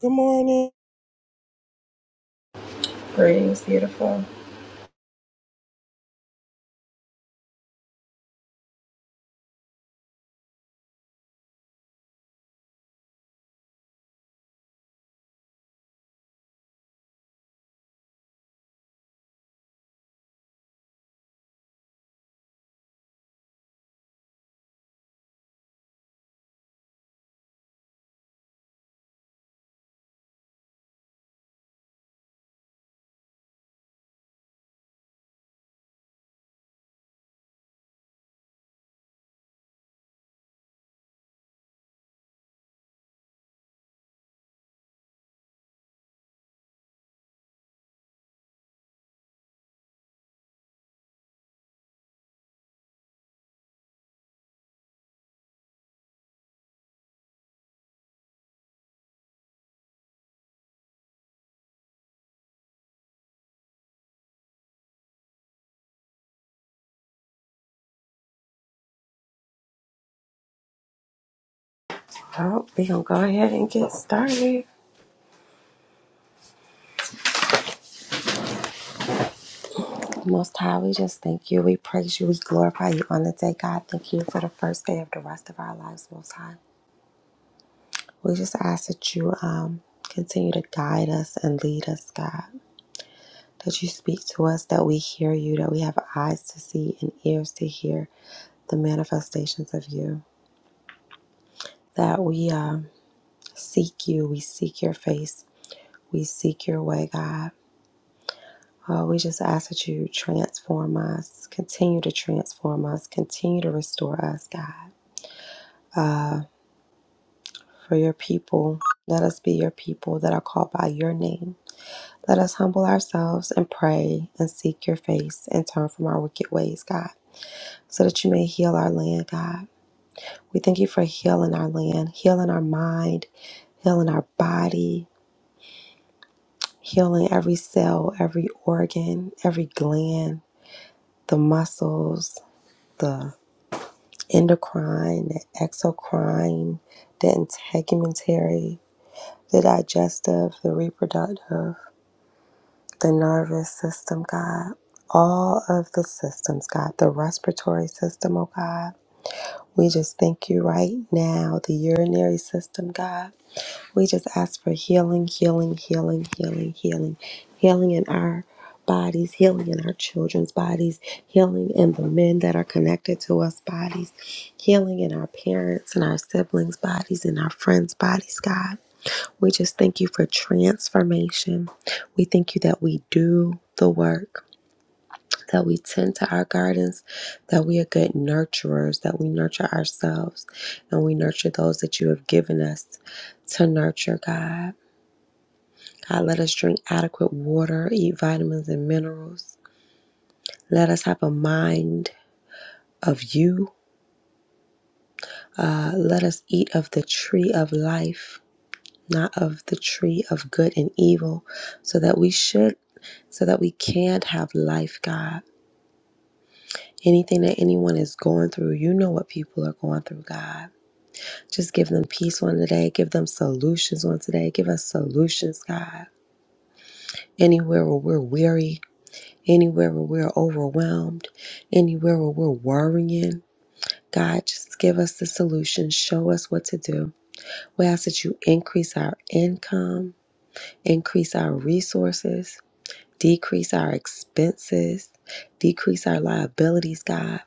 Good morning. Greetings, beautiful. Well, we gonna go ahead and get started. Most High, we just thank you. We praise you. We glorify you on the day, God. Thank you for the first day of the rest of our lives, Most High. We just ask that you um continue to guide us and lead us, God. That you speak to us, that we hear you, that we have eyes to see and ears to hear the manifestations of you. That we um seek you. We seek your face. We seek your way, God. Uh, we just ask that you transform us, continue to transform us, continue to restore us, God. For your people, let us be your people that are called by your name. Let us humble ourselves and pray and seek your face and turn from our wicked ways, God, so that you may heal our land, God. We thank you for healing our land, healing our mind, healing our body, healing every cell, every organ, every gland, the muscles, the. endocrine, the exocrine, the integumentary, the digestive, the reproductive, the nervous system, God, all of the systems, God, the respiratory system, oh God. We just thank you right now, the urinary system, God. We just ask for healing, healing, healing, healing, healing, healing in our bodies, healing in our children's bodies, healing in the men that are connected to us bodies, healing in our parents and our siblings' bodies and our friends' bodies, God. We just thank you for transformation. We thank you that we do the work, that we tend to our gardens, that we are good nurturers, that we nurture ourselves and we nurture those that you have given us to nurture, God. God, let us drink adequate water, eat vitamins and minerals. Let us have a mind of you. Uh, let us eat of the tree of life, not of the tree of good and evil, so that we should, so that we can have life, God. Anything that anyone is going through, you know what people are going through, God. Just give them peace on today. Give them solutions on today. Give us solutions, God. Anywhere where we're weary, anywhere where we're overwhelmed, anywhere where we're worrying. God, just give us the solution. Show us what to do. We ask that you increase our income, increase our resources, decrease our expenses, decrease our liabilities, God.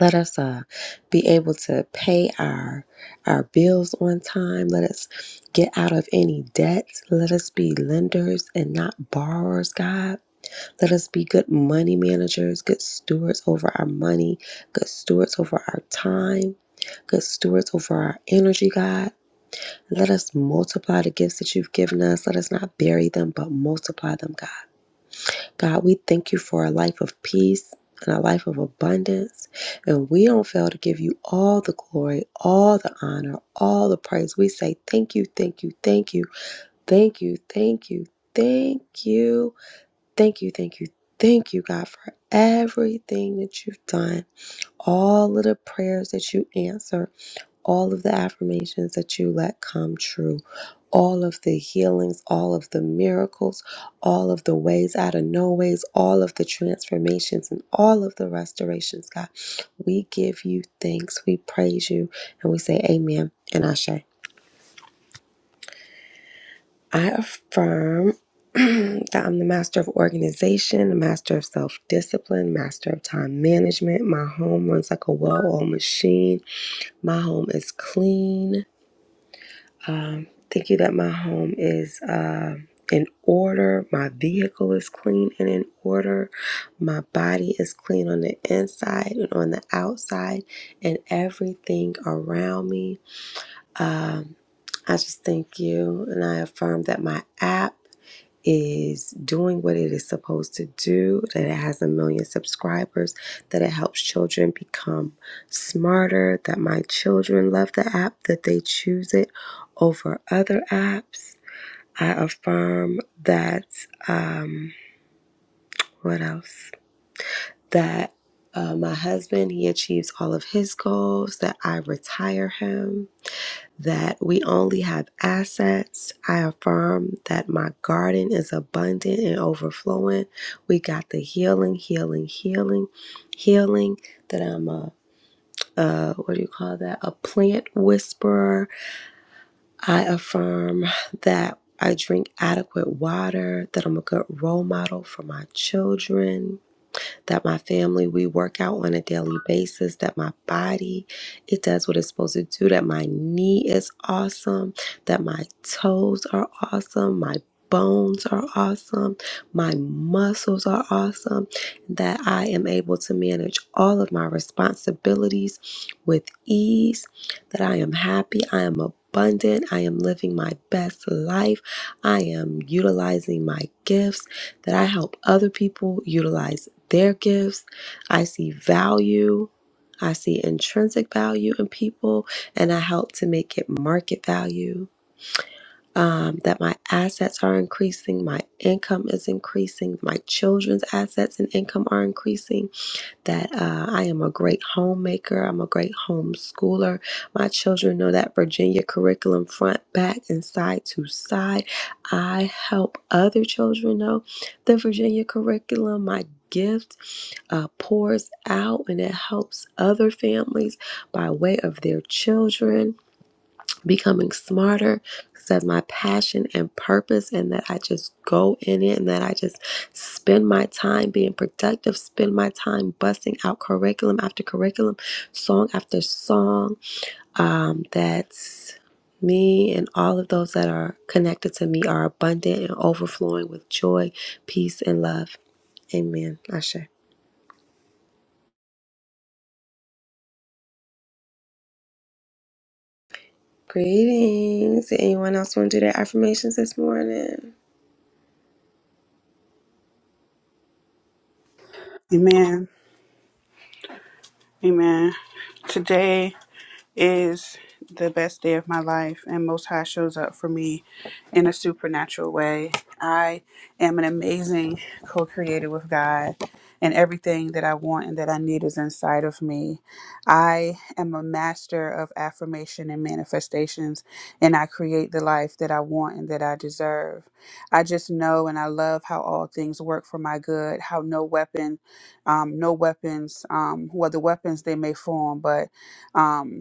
Let us uh, be able to pay our our bills on time. Let us get out of any debts. Let us be lenders and not borrowers, God. Let us be good money managers, good stewards over our money, good stewards over our time, good stewards over our energy, God. Let us multiply the gifts that you've given us. Let us not bury them, but multiply them, God. God, we thank you for a life of peace and a life of abundance. And we don't fail to give you all the glory, all the honor, all the praise. We say thank you, thank you, thank you, thank you, thank you, thank you. Thank you, thank you, thank you, God, for everything that you've done, all of the prayers that you answer, all of the affirmations that you let come true, all of the healings, all of the miracles, all of the ways out of no ways, all of the transformations, and all of the restorations, God. We give you thanks, we praise you, and we say, Amen and Ashe. I affirm that I'm the master of organization, the master of self discipline, master of time management. My home runs like a well oiled machine. My home is clean. Thank you that my home is uh, in order. My vehicle is clean and in order. My body is clean on the inside and on the outside, and everything around me. Um, I just thank you, and I affirm that my app. is doing what it is supposed to do, that it has a million subscribers, that it helps children become smarter, that my children love the app, that they choose it over other apps. I affirm that, um, what else? That uh, my husband, he achieves all of his goals, that I retire him that we only have assets. I affirm that my garden is abundant and overflowing. We got the healing, healing, healing, healing that I'm a uh, what do you call that? A plant whisperer. I affirm that I drink adequate water, that I'm a good role model for my children, that my family, we work out on a daily basis, that my body, it does what it's supposed to do, that my knee is awesome, that my toes are awesome, my bones are awesome, my muscles are awesome, that I am able to manage all of my responsibilities with ease, that I am happy, I am abundant, I am living my best life, I am utilizing my gifts, that I help other people utilize their gifts. I see value. I see intrinsic value in people, and I help to make it market value. Um, that my assets are increasing, my income is increasing, my children's assets and income are increasing. That uh, I am a great homemaker, I'm a great homeschooler. My children know that Virginia curriculum front, back, and side to side. I help other children know the Virginia curriculum, my gift uh, pours out and it helps other families by way of their children becoming smarter that's my passion and purpose and that i just go in it and that i just spend my time being productive spend my time busting out curriculum after curriculum song after song um, that's me and all of those that are connected to me are abundant and overflowing with joy peace and love amen ashe Greetings. Anyone else want to do their affirmations this morning? Amen. Amen. Today, is the best day of my life, and Most High shows up for me in a supernatural way. I am an amazing co creator with God, and everything that I want and that I need is inside of me. I am a master of affirmation and manifestations, and I create the life that I want and that I deserve. I just know and I love how all things work for my good, how no weapon, um, no weapons, um, well, the weapons they may form, but. Um,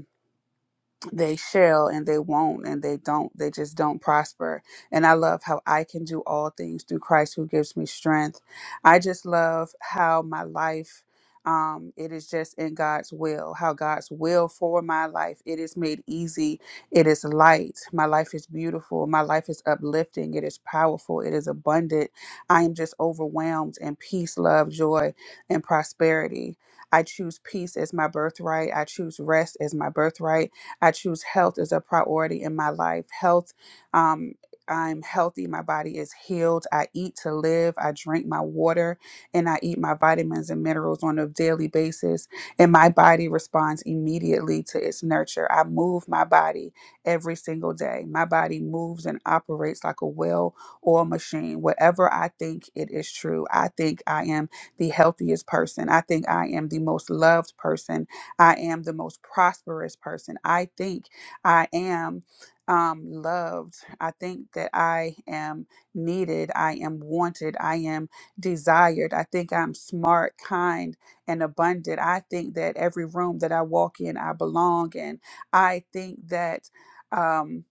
they shall and they won't and they don't they just don't prosper and i love how i can do all things through christ who gives me strength i just love how my life um it is just in god's will how god's will for my life it is made easy it is light my life is beautiful my life is uplifting it is powerful it is abundant i am just overwhelmed in peace love joy and prosperity i choose peace as my birthright i choose rest as my birthright I choose health as a priority in my life. Health, um, I'm healthy. My body is healed. I eat to live. I drink my water and I eat my vitamins and minerals on a daily basis. And my body responds immediately to its nurture. I move my body every single day. My body moves and operates like a well or a machine. Whatever I think, it is true. I think I am the healthiest person. I think I am the most loved person. I am the most prosperous person. I think I am um, loved. I think that I am needed. I am wanted. I am desired. I think I'm smart, kind, and abundant. I think that every room that I walk in, I belong in. I think that. Um,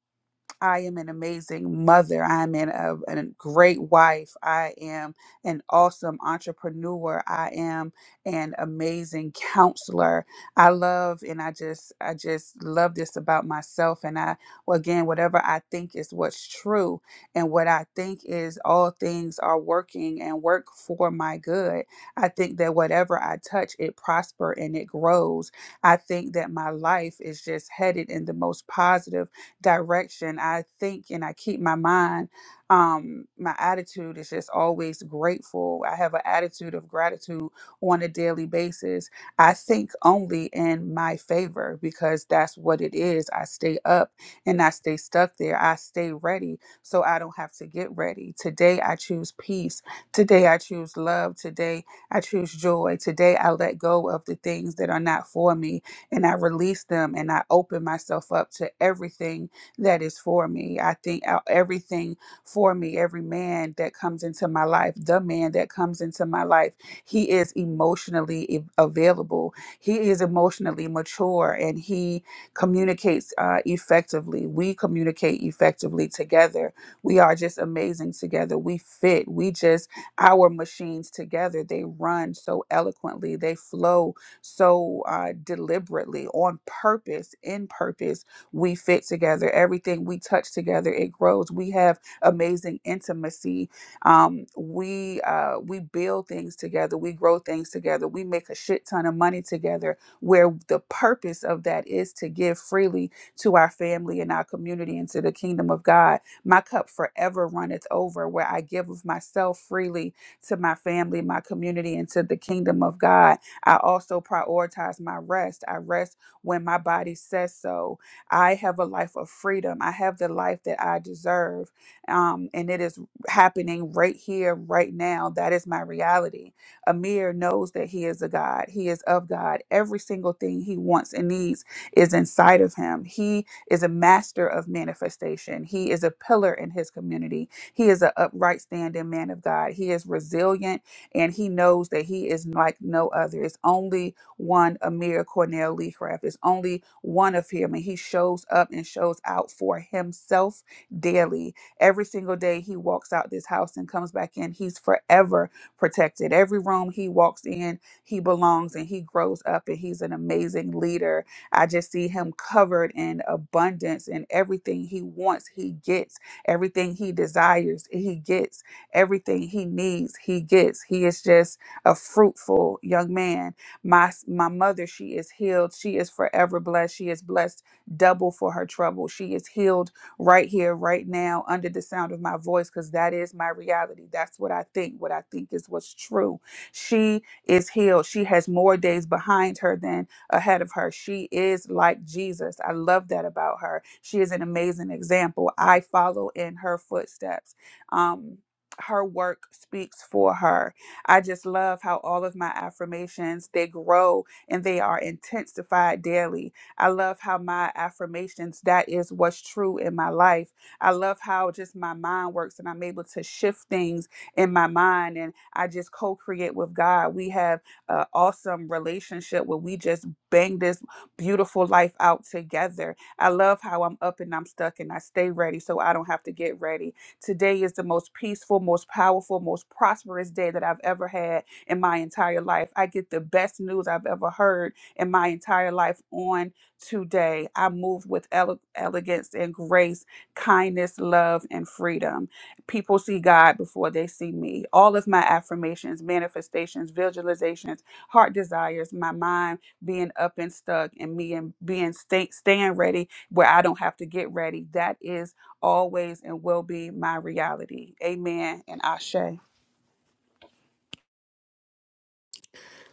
I am an amazing mother. I am an, a, a great wife. I am an awesome entrepreneur. I am an amazing counselor. I love and I just I just love this about myself. And I well, again, whatever I think is what's true, and what I think is all things are working and work for my good. I think that whatever I touch, it prosper and it grows. I think that my life is just headed in the most positive direction. I think and I keep my mind, um, my attitude is just always grateful. I have an attitude of gratitude on a daily basis. I think only in my favor because that's what it is. I stay up and I stay stuck there. I stay ready so I don't have to get ready. Today I choose peace. Today I choose love. Today I choose joy. Today I let go of the things that are not for me and I release them and I open myself up to everything that is for me. I think out everything for me, every man that comes into my life, the man that comes into my life, he is emotionally e- available. He is emotionally mature and he communicates uh, effectively. We communicate effectively together. We are just amazing together. We fit. We just, our machines together, they run so eloquently, they flow so uh, deliberately, on purpose, in purpose we fit together. Everything we touch together, it grows. We have amazing intimacy. Um, we uh, we build things together. We grow things together. We make a shit ton of money together. Where the purpose of that is to give freely to our family and our community and to the kingdom of God. My cup forever runneth over. Where I give of myself freely to my family, my community, and to the kingdom of God. I also prioritize my rest. I rest when my body says so. I have a life of freedom. I have the life that I deserve. Um, and it is happening right here, right now. That is my reality. Amir knows that he is a God, he is of God. Every single thing he wants and needs is inside of him. He is a master of manifestation, he is a pillar in his community. He is an upright standing man of God. He is resilient and he knows that he is like no other. It's only one Amir Cornell Lee Craft. It's only one of him, and he shows up and shows out for himself daily. Every single day he walks out this house and comes back in, he's forever protected. Every room he walks in, he belongs and he grows up and he's an amazing leader. I just see him covered in abundance and everything he wants, he gets. Everything he desires, he gets. Everything he needs, he gets. He is just a fruitful young man my my mother she is healed she is forever blessed she is blessed double for her trouble she is healed right here right now under the sound of my voice because that is my reality that's what i think what i think is what's true she is healed she has more days behind her than ahead of her she is like jesus i love that about her she is an amazing example i follow in her footsteps um her work speaks for her I just love how all of my affirmations they grow and they are intensified daily. I love how my affirmations that is what's true in my life. I love how just my mind works and I'm able to shift things in my mind and I just co-create with God. We have an awesome relationship where we just bang this beautiful life out together. I love how I'm up and I'm stuck and I stay ready so I don't have to get ready. Today is the most peaceful, most powerful, most prosperous day that I've ever had in my entire life. I get the best news I've ever heard in my entire life on today. I move with ele- elegance and grace, kindness, love, and freedom. People see God before they see me. All of my affirmations, manifestations, visualizations, heart desires, my mind being up and stuck, and me and being stay, staying ready where I don't have to get ready. That is always and will be my reality. Amen and Ashe.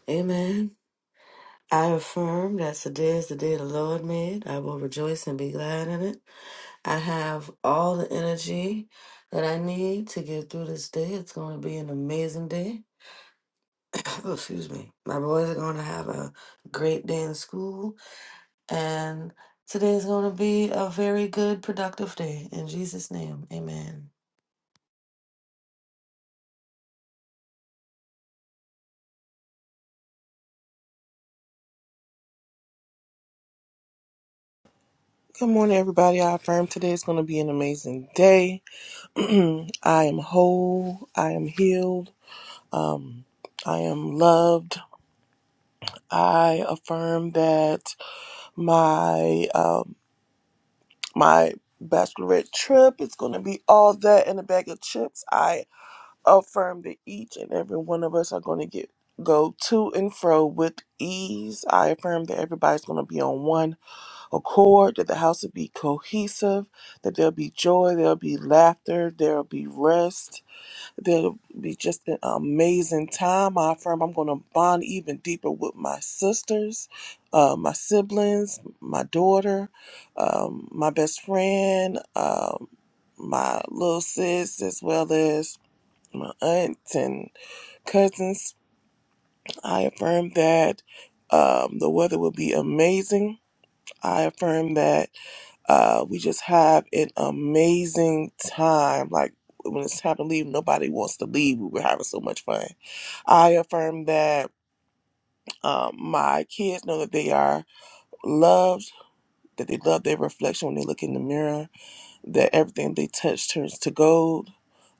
Amen. I affirm that today is the day the Lord made. I will rejoice and be glad in it. I have all the energy that I need to get through this day. It's going to be an amazing day. Oh, excuse me. My boys are going to have a great day in school, and today is going to be a very good, productive day. In Jesus' name, amen. Good morning, everybody. I affirm today is going to be an amazing day. I am whole. I am healed. Um, I am loved. I affirm that my um, my bachelorette trip is going to be all that and a bag of chips. I affirm that each and every one of us are going to get go to and fro with ease. I affirm that everybody's going to be on one accord, that the house will be cohesive, that there'll be joy, there'll be laughter, there'll be rest, there'll be just an amazing time. I affirm I'm going to bond even deeper with my sisters, uh, my siblings, my daughter, um, my best friend, um, my little sis, as well as my aunts and cousins. I affirm that um, the weather will be amazing. I affirm that uh, we just have an amazing time. Like when it's time to leave, nobody wants to leave. We were having so much fun. I affirm that um, my kids know that they are loved, that they love their reflection when they look in the mirror, that everything they touch turns to gold,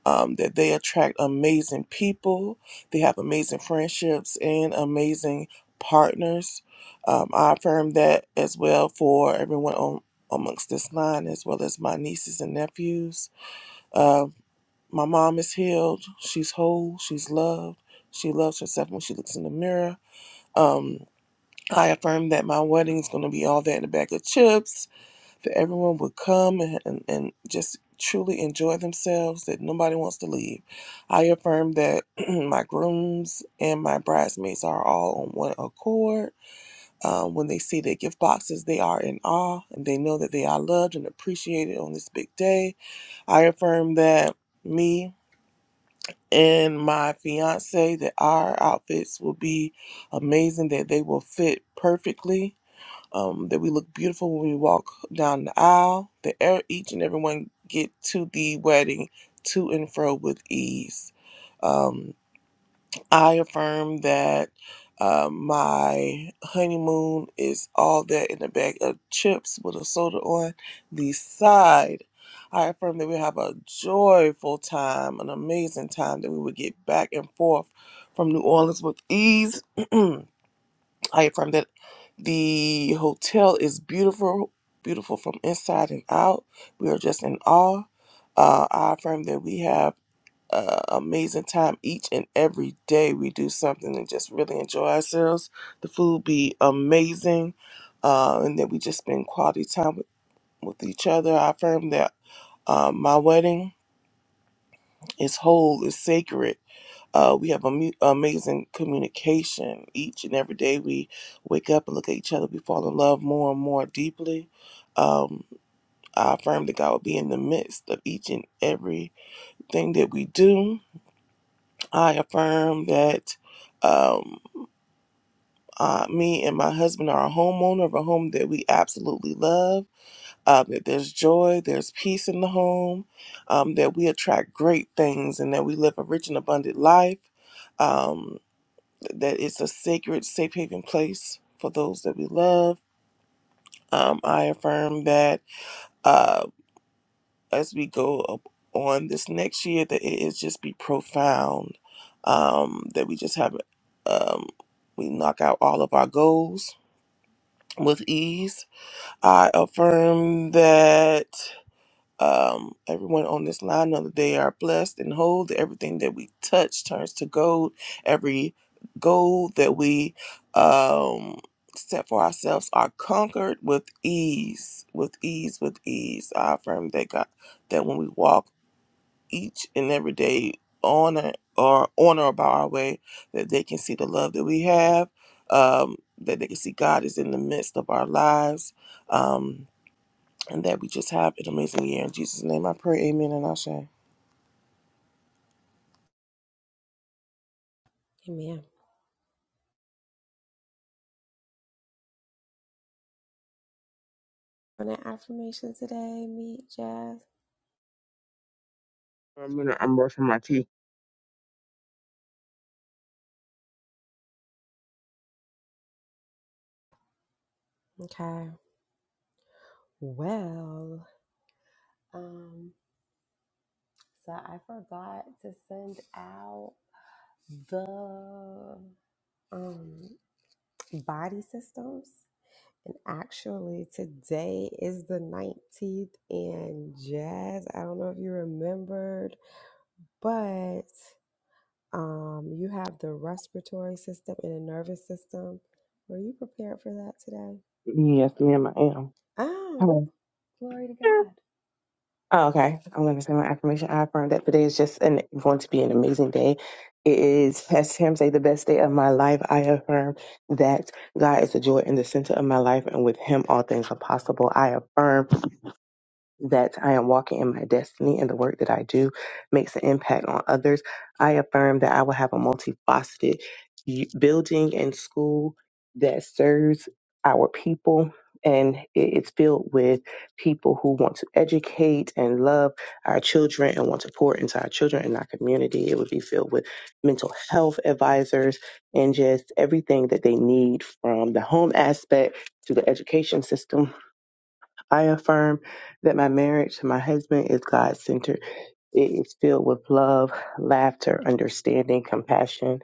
um, that they attract amazing people. They have amazing friendships and amazing partners. Um, I affirm that as well for everyone on amongst this line, as well as my nieces and nephews. Uh, my mom is healed. She's whole. She's loved. She loves herself when she looks in the mirror. Um, I affirm that my wedding's going to be all that in a bag of chips that everyone would come and, and, and just truly enjoy themselves, that nobody wants to leave. I affirm that my grooms and my bridesmaids are all on one accord. Um, when they see their gift boxes, they are in awe and they know that they are loved and appreciated on this big day. I affirm that me and my fiance that our outfits will be amazing that they will fit perfectly um, that we look beautiful when we walk down the aisle, that er- each and everyone get to the wedding to and fro with ease. Um, I affirm that uh, my honeymoon is all that in a bag of chips with a soda on the side. I affirm that we have a joyful time, an amazing time, that we would get back and forth from New Orleans with ease. I affirm that the hotel is beautiful, beautiful from inside and out. We are just in awe. Uh, I affirm that we have an amazing time each and every day. We do something and just really enjoy ourselves. The food be amazing, uh, and that we just spend quality time with, with each other. I affirm that uh, my wedding is whole, is sacred. Uh, we have amu- amazing communication. Each and every day we wake up and look at each other. We fall in love more and more deeply. Um, I affirm that God will be in the midst of each and every thing that we do. I affirm that um, uh, me and my husband are a homeowner of a home that we absolutely love. Uh, that there's joy, there's peace in the home, um, that we attract great things, and that we live a rich and abundant life. Um, that it's a sacred, safe haven place for those that we love. Um, I affirm that uh, as we go up on this next year, that it is just be profound. Um, that we just have, um, we knock out all of our goals with ease. I affirm that. Um, everyone on this line know that they are blessed and whole. That everything that we touch turns to gold. Every goal that we um, set for ourselves are conquered with ease, with ease, with ease. I affirm that God, that when we walk each and every day on a, or on or about our way, that they can see the love that we have. Um, that they can see God is in the midst of our lives. Um, and that we just have an amazing year. In Jesus' name, I pray. Amen and Ashe. Amen. On an affirmation today, meet Jazz. For a minute, I'm brushing my teeth. Okay. Well, um, so I forgot to send out the um body systems. And actually today is the 19th and Jazz. I don't know if you remembered, but Um, you have the respiratory system and the nervous system. Were you prepared for that today? Yes, ma'am, I am. Oh, Hello. glory to God. Oh, okay, I'm going to say my affirmation. I affirm that today is just an, going to be an amazing day. It is, as Tim say, the best day of my life. I affirm that God is the joy in the center of my life, and with Him, all things are possible. I affirm. that I am walking in my destiny and the work that I do makes an impact on others. I affirm that I will have a multifaceted y- building and school that serves our people and it- it's filled with people who want to educate and love our children and want to pour into our children and our community. It would be filled with mental health advisors and just everything that they need from the home aspect to the education system I affirm that my marriage to my husband is God centered. It is filled with love, laughter, understanding, compassion.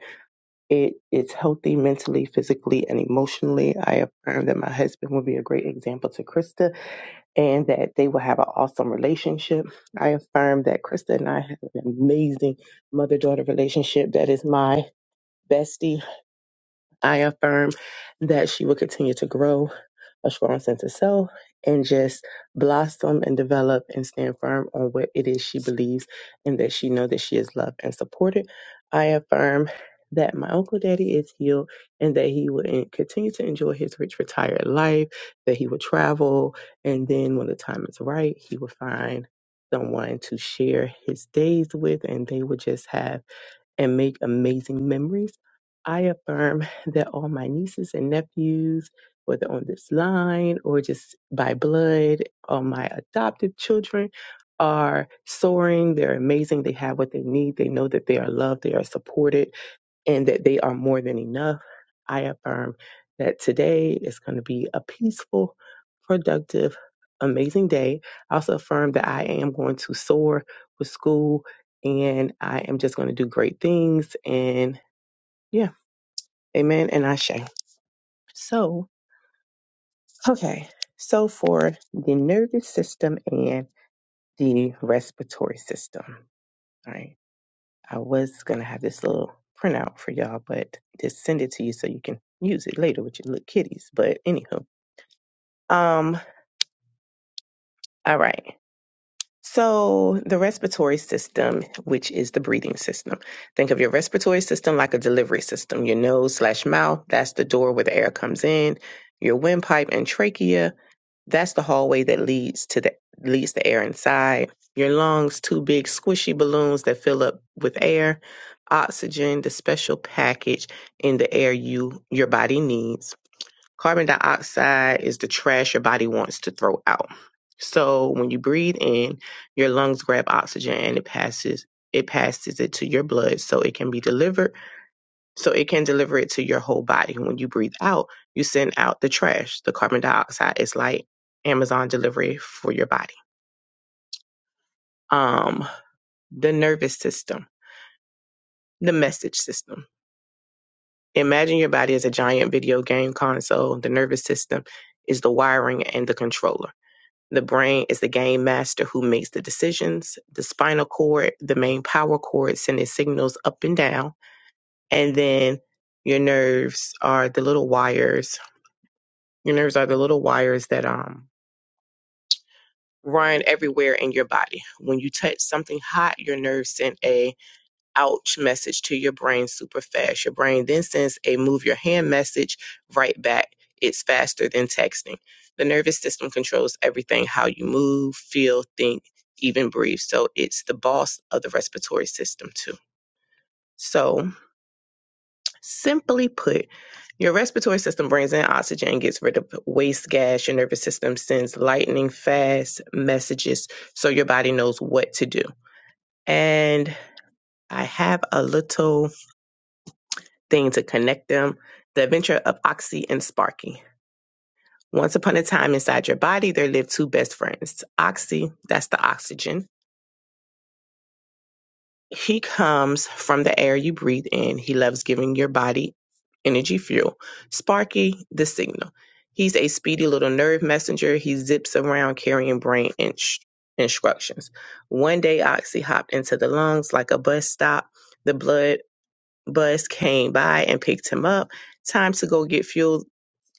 It is healthy mentally, physically, and emotionally. I affirm that my husband will be a great example to Krista and that they will have an awesome relationship. I affirm that Krista and I have an amazing mother daughter relationship that is my bestie. I affirm that she will continue to grow a strong sense of self, and just blossom and develop and stand firm on what it is she believes and that she know that she is loved and supported. I affirm that my uncle daddy is healed and that he will en- continue to enjoy his rich retired life, that he will travel, and then when the time is right, he will find someone to share his days with and they will just have and make amazing memories. I affirm that all my nieces and nephews, whether on this line or just by blood, all my adopted children are soaring. They're amazing. They have what they need. They know that they are loved. They are supported and that they are more than enough. I affirm that today is going to be a peaceful, productive, amazing day. I also affirm that I am going to soar with school and I am just going to do great things. And yeah, amen and ashe. So, okay. So for the nervous system and the respiratory system, right? I was gonna have this little printout for y'all, but just send it to you so you can use it later with your little kitties. But anywho, um, all right. So the respiratory system, which is the breathing system, think of your respiratory system like a delivery system. Your nose slash mouth, that's the door where the air comes in. Your windpipe and trachea That's the hallway that leads to the leads the air inside. Your lungs, two big squishy balloons that fill up with air, oxygen, the special package in the air you your body needs. Carbon dioxide is the trash your body wants to throw out. So when you breathe in, your lungs grab oxygen and it passes it passes it to your blood so it can be delivered so it can deliver it to your whole body. When you breathe out, you send out the trash, the carbon dioxide. It's like Amazon delivery for your body. Um, the nervous system, the message system. Imagine your body as a giant video game console. The nervous system is the wiring and the controller. The brain is the game master who makes the decisions. The spinal cord, the main power cord, sending signals up and down. And then your nerves are the little wires Your nerves are the little wires that um run everywhere in your body. When you touch something hot, your nerves send a ouch message to your brain super fast. Your brain then sends a move your hand message right back. It's faster than texting. The nervous system controls everything, how you move, feel, think, even breathe. So it's the boss of the respiratory system too. So Simply put, your respiratory system brings in oxygen and gets rid of waste gas. Your nervous system sends lightning fast messages so your body knows what to do. And I have a little thing to connect them the adventure of Oxy and Sparky. Once upon a time, inside your body, there lived two best friends Oxy, that's the oxygen, He comes from the air you breathe in. He loves giving your body energy fuel. Sparky, the signal. He's a speedy little nerve messenger. He zips around carrying brain inch- instructions. One day, Oxy hopped into the lungs like a bus stop. The blood bus came by and picked him up. Time to go get fuel.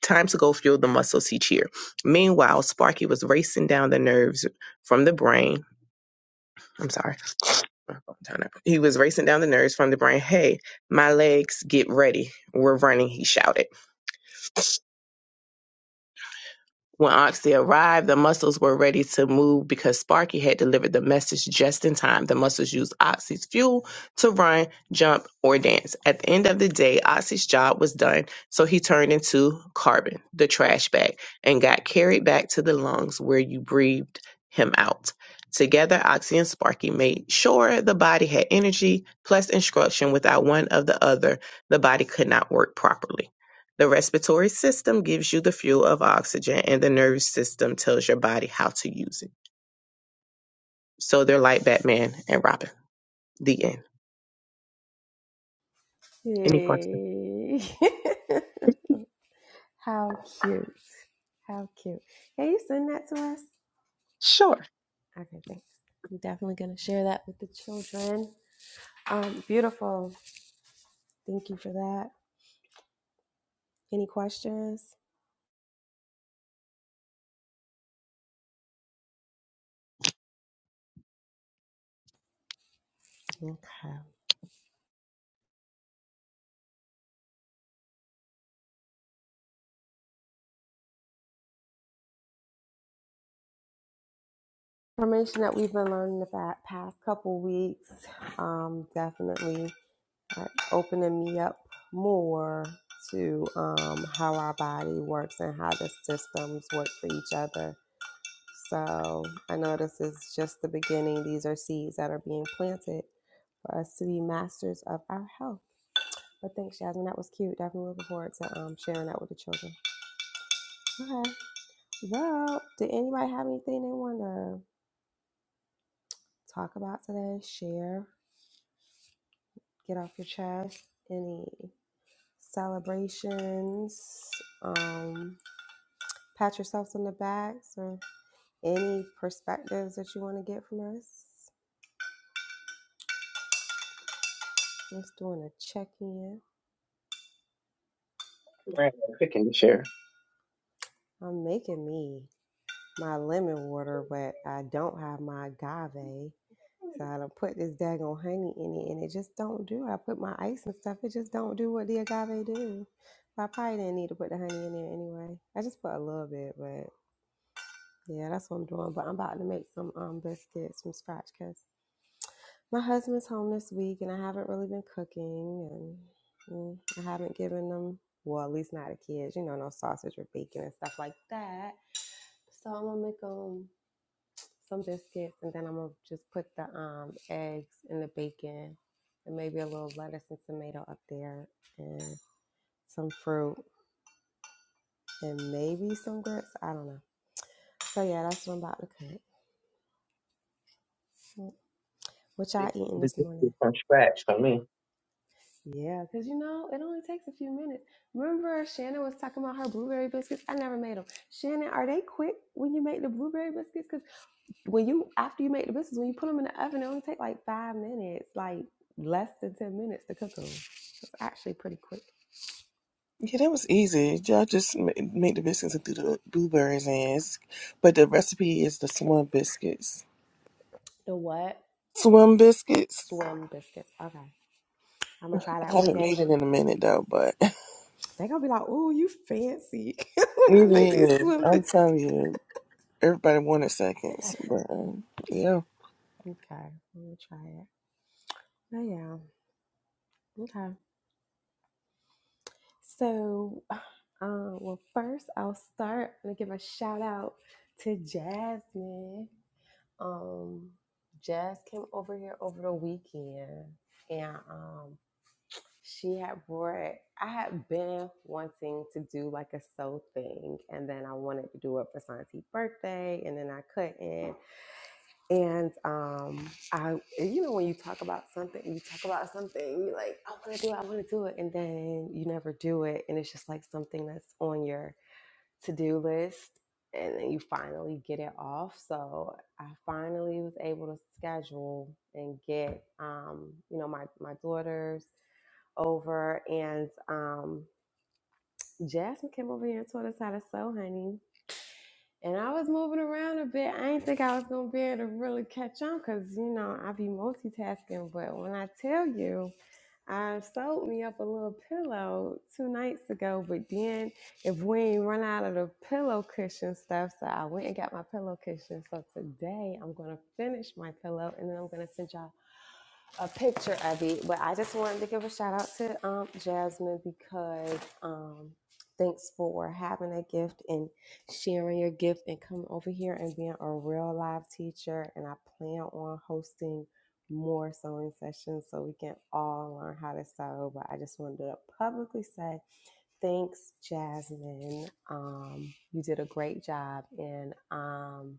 Time to go fuel the muscles he cheered. Meanwhile, Sparky was racing down the nerves from the brain. I'm sorry he was racing down the nerves from the brain. Hey, my legs, get ready. We're running, he shouted. When Oxy arrived, the muscles were ready to move because Sparky had delivered the message just in time. The muscles used Oxy's fuel to run, jump, or dance. At the end of the day, Oxy's job was done, so he turned into carbon, the trash bag, and got carried back to the lungs where you breathed him out. Together, Oxy and Sparky made sure the body had energy plus instruction. Without one of the other, the body could not work properly. The respiratory system gives you the fuel of oxygen, and the nervous system tells your body how to use it. So they're like Batman and Robin. The end. Any questions? Hey. How cute. How cute. Can you send that to us? Sure. Okay, thanks. I'm definitely going to share that with the children. Um, beautiful. Thank you for that. Any questions? Okay. Information that we've been learning the fa- past couple weeks um, definitely uh, opening me up more to um, how our body works and how the systems work for each other. So I know this is just the beginning. These are seeds that are being planted for us to be masters of our health. But thanks, Jasmine. That was cute. Definitely looking forward to um, sharing that with the children. Okay. Well, did anybody have anything they want to talk about today? Share, get off your chest. Any celebrations? Um, pat yourselves on the backs or any perspectives that you want to get from us. Just doing a check in. Picking this year. I'm making me my lemon water, but I don't have my agave. So I don't put this daggone honey in it and it just don't do it. I put my ice and stuff, it just don't do what the agave do. I probably didn't need to put the honey in there anyway. I just put a little bit, but yeah, that's what I'm doing. But I'm about to make some um biscuits from scratch, cuz My husband's home this week, and I haven't really been cooking, and mm, I haven't given them, well, at least not the kids, you know, no sausage or bacon and stuff like that. So I'm gonna make them some biscuits, and then I'm gonna just put the um, eggs and the bacon, and maybe a little lettuce and tomato up there, and some fruit, and maybe some grits. I don't know. So yeah, that's what I'm about to cook. What y'all This eating this morning? is from scratch for me. Yeah, because you know, it only takes a few minutes. Remember, Shannon was talking about her blueberry biscuits? I never made them. Shannon, are they quick when you make the blueberry biscuits? Because when you, after you make the biscuits, when you put them in the oven, it only take like five minutes, like less than 10 minutes to cook them. It's actually pretty quick. Yeah, that was easy. Y'all just ma- made the biscuits and threw the blueberries in. It's- But the recipe is the swim biscuits. The what? Swim biscuits? Swim biscuits. Okay. I'm going to try I that one haven't made day. it in a minute though, but They're going to be like, oh, you fancy when I it make these is. swim I'm biscuits. telling you, everybody wanted seconds. But um, yeah, Okay. I'm going to try it. Oh, yeah. Okay. So, uh, well, first I'll start. I'm gonna give a shout out to Jasmine. Um, Jazz came over here over the weekend, and um, she had brought. I had been wanting to do like a sew thing, and then I wanted to do it for Santi's birthday, and then I couldn't. And um, I, you know, when you talk about something, you talk about something, you're like, I want to do it, I want to do it, and then you never do it, and it's just like something that's on your to-do list, and then you finally get it off. So I finally was able to schedule and get, um, you know, my my daughters over, and um, Jasmine came over here and taught us how to sew, honey. And I was moving around a bit. I didn't think I was gonna be able to really catch on because you know I be multitasking. But when I tell you, I sewed me up a little pillow two nights ago. But then if we ain't run out of the pillow cushion stuff, so I went and got my pillow cushion. So today I'm gonna finish my pillow and then I'm gonna send y'all a picture of it, but I just wanted to give a shout out to um, Jasmine because um, thanks for having a gift and sharing your gift and coming over here and being a real live teacher. And I plan on hosting more sewing sessions so we can all learn how to sew. But I just wanted to publicly say thanks, Jasmine. Um, you did a great job, and um,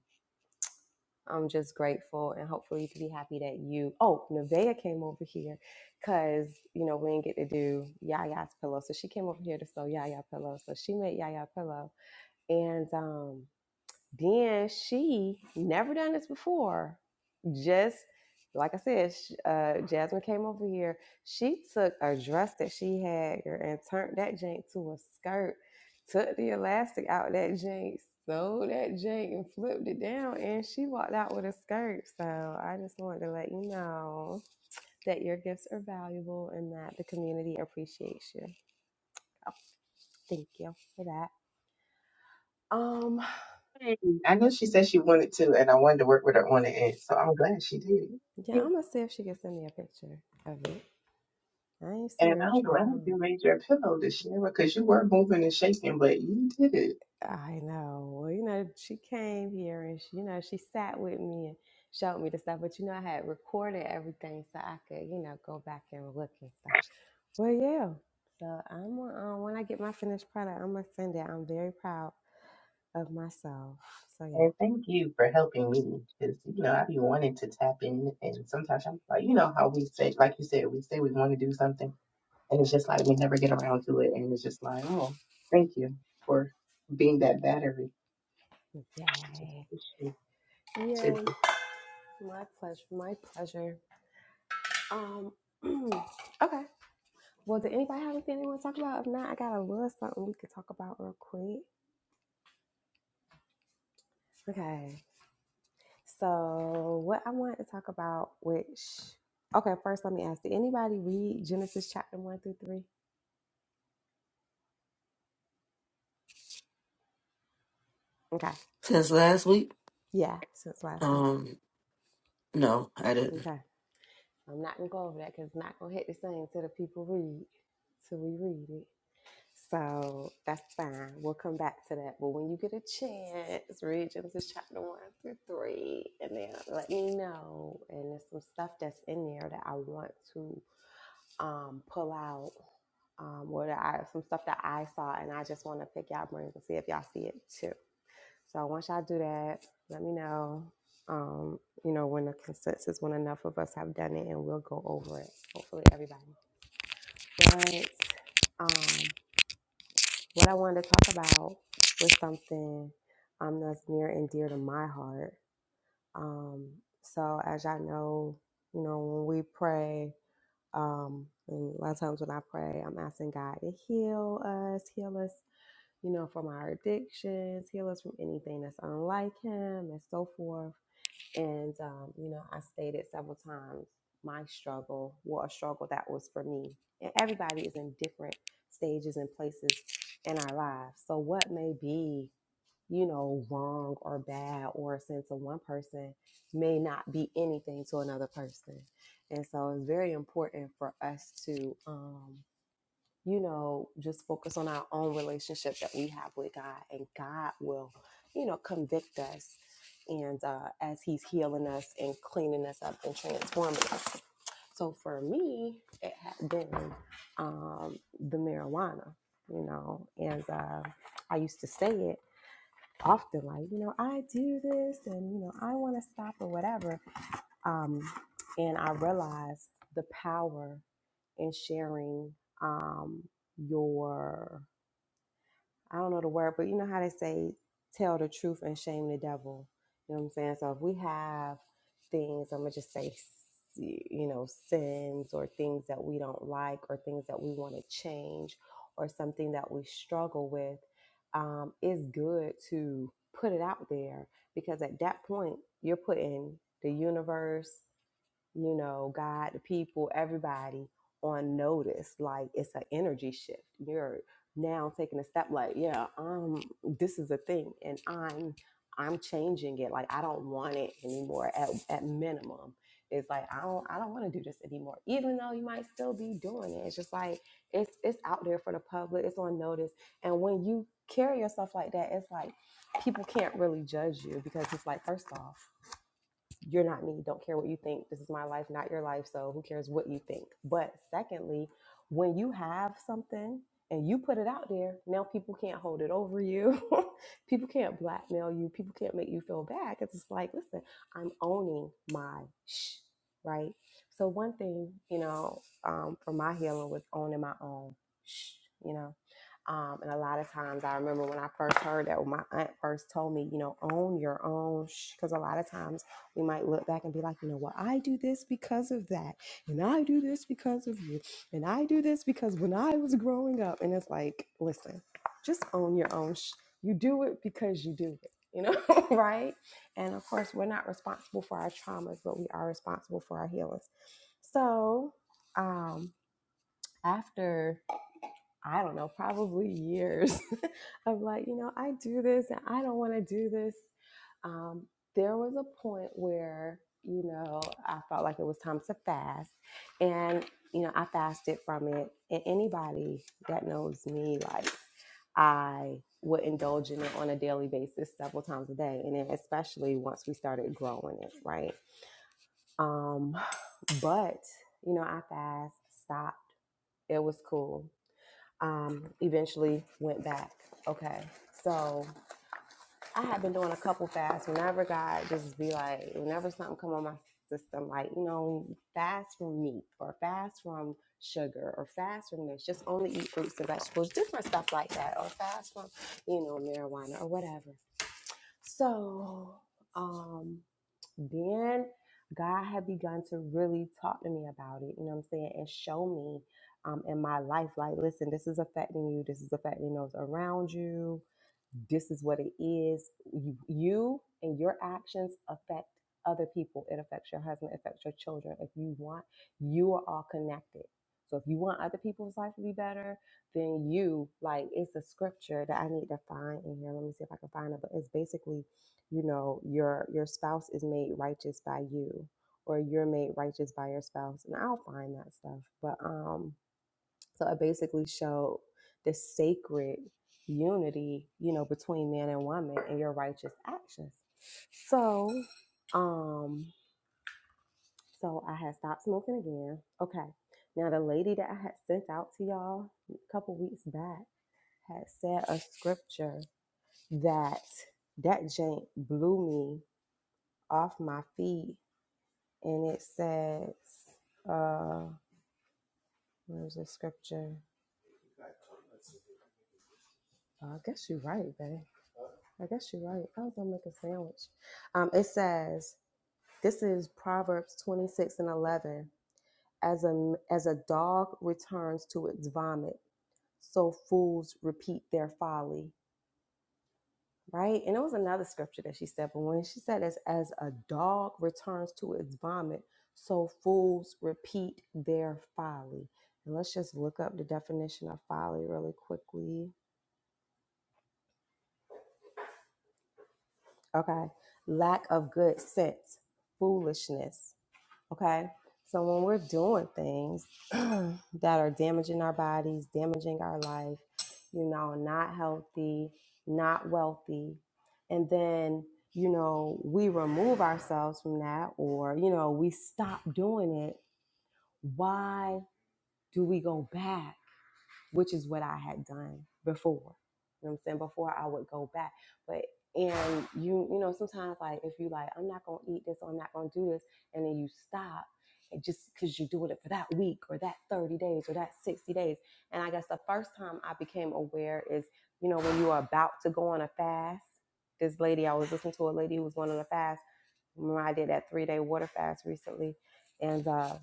I'm just grateful and hopefully you can be happy that you oh Nevaeh came over here because you know we didn't get to do Yaya's pillow. So she came over here to sew Yaya pillow. So she made Yaya pillow. And um then she never done this before. Just like I said, sh- uh, Jasmine came over here. She took a dress that she had girl, and turned that jank to a skirt, took the elastic out that jank, sewed that jank, and flipped it down. And she walked out with a skirt. So I just wanted to let you know that your gifts are valuable and that the community appreciates you. Thank you for that. Um, Hey, I know she said she wanted to, and I wanted to work with her on the end, so I'm glad she yeah, did. I'm gonna see if she can send me a picture of it. I ain't see And her I'm chat glad on. you made your pillow this year because you were moving and shaking, but you did it. I know. Well, you know, she came here and she, you know, she sat with me and showed me the stuff. But you know, I had recorded everything so I could, you know, go back and look and stuff. Well, yeah. So I'm gonna, um, when I get my finished product, I'm gonna send it. I'm very proud of myself. So And yeah, thank you for helping me because you know I be wanting to tap in, and sometimes I'm like, you know how we say, like you said, we say we want to do something, and it's just like we never get around to it, and it's just like, oh, thank you for being that battery. to Just yay, push me to yay. this. My pleasure. My pleasure. Um. okay. Well, did anybody have anything they want to talk about? If not, I got a little something we could talk about real quick. Okay. So, what I want to talk about, which, okay, first let me ask did anybody read Genesis chapter 1 through 3? Okay. Since last week, Yeah, since last week. um, no, I didn't. Okay. I'm not going to go over that because it's not going to hit the same till the people read, till we read it. So, that's fine. We'll come back to that. But when you get a chance, read Genesis chapter 1 through 3 and then let me know. And there's some stuff that's in there that I want to um, pull out um, what I some stuff that I saw, and I just want to pick y'all brains and see if y'all see it too. So once y'all do that, let me know. Um, you know when the consensus when enough of us have done it, and we'll go over it. Hopefully, everybody. But um, what I wanted to talk about was something um, that's near and dear to my heart. Um, so as y'all know, you know when we pray. Um, and a lot of times when I pray, I'm asking God to heal us, heal us you know, from our addictions, heal us from anything that's unlike him, and so forth. And, um, you know, I stated several times my struggle, what a struggle that was for me. And everybody is in different stages and places in our lives. So, what may be, you know, wrong or bad or a sin to one person may not be anything to another person. And so, it's very important for us to, um, you know, just focus on our own relationship that we have with God, and God will, you know, convict us. And uh, as He's healing us and cleaning us up and transforming us. So for me, it had been um, the marijuana, you know, and uh, I used to say it often, like, you know, I do this and, you know, I want to stop or whatever. Um, and I realized the power and sharing um, your, I don't know the word, but you know how they say, tell the truth and shame the devil. You know what I'm saying? So if we have things, I'm going to just say, you know, sins or things that we don't like or things that we want to change or something that we struggle with, um, it's good to put it out there because at that point, you're putting the universe, you know, God, the people, everybody on notice. Like it's an energy shift. You're now taking a step like, yeah, um, this is a thing and I'm I'm changing it. Like I don't want it anymore at, at minimum. It's like I don't I don't want to do this anymore. Even though you might still be doing it. It's just like it's it's out there for the public. It's on notice. And when you carry yourself like that, it's like people can't really judge you because it's like, first off, you're not me, don't care what you think. This is my life, not your life. So who cares what you think? But secondly, when you have something and you put it out there, now people can't hold it over you. people can't blackmail you. People can't make you feel bad. It's just like, listen, I'm owning my shh, right? So one thing, you know, um, for my healing was owning my own shh, you know. Um, and a lot of times I remember when I first heard that, when my aunt first told me, you know, own your own shh. Because a lot of times we might look back and be like, you know what, I do this because of that. And I do this because of you. And I do this because when I was growing up, and it's like, listen, just own your own. Sh- you do it because you do it, you know, right? And of course, we're not responsible for our traumas, but we are responsible for our healings. So um, after I don't know, probably years of like, you know, I do this and I don't want to do this. Um, there was a point where, you know, I felt like it was time to fast. And, you know, I fasted from it. And anybody that knows me, like, I would indulge in it on a daily basis several times a day. And then, especially once we started growing it, right? Um, but, you know, I fast, stop. It was cool um, eventually went back. Okay. So I had been doing a couple fasts. Whenever God just be like, whenever something come on my system, like, you know, fast from meat or fast from sugar or fast from this, just only eat fruits and vegetables, different stuff like that, or fast from, you know, marijuana or whatever. So um then God had begun to really talk to me about it, you know what I'm saying, and show me um, in my life, like, listen, this is affecting you, this is affecting those around you this is what it is. You, you and your actions affect other people. It affects your husband, it affects your children. If you want, you are all connected. So if you want other people's life to be better, then you like it's a scripture that I need to find in here. Let me see if I can find it. But it's basically, you know, your your spouse is made righteous by you, or you're made righteous by your spouse. And I'll find that stuff. But um so I basically showed the sacred unity, you know, between man and woman and your righteous actions. So, um, so I had stopped smoking again. Okay. Now the lady that I had sent out to y'all a couple weeks back had said a scripture that that jank blew me off my feet. And it says, uh, where's the scripture? Oh, I guess you're right, babe. I guess you're right. I was gonna make a sandwich. Um, it says this is Proverbs twenty six and eleven. As a as a dog returns to its vomit, so fools repeat their folly. Right, and it was another scripture that she said, but when she said this, as a dog returns to its vomit, so fools repeat their folly. And let's just look up the definition of folly really quickly. Okay, lack of good sense, foolishness Okay. So when we're doing things that are damaging our bodies, damaging our life, you know, not healthy, not wealthy, and then, you know, we remove ourselves from that or, you know, we stop doing it, why do we go back? which is what I had done before. You know what I'm saying? Before I would go back. But and you you know, sometimes like if you like, I'm not gonna eat this or I'm not gonna do this, and then you stop and just because you're doing it for that week or that 30 days or that 60 days. And I guess the first time I became aware is, you know, when you are about to go on a fast. This lady, I was listening to a lady who was going on a fast. Remember I did that three day water fast recently. And uh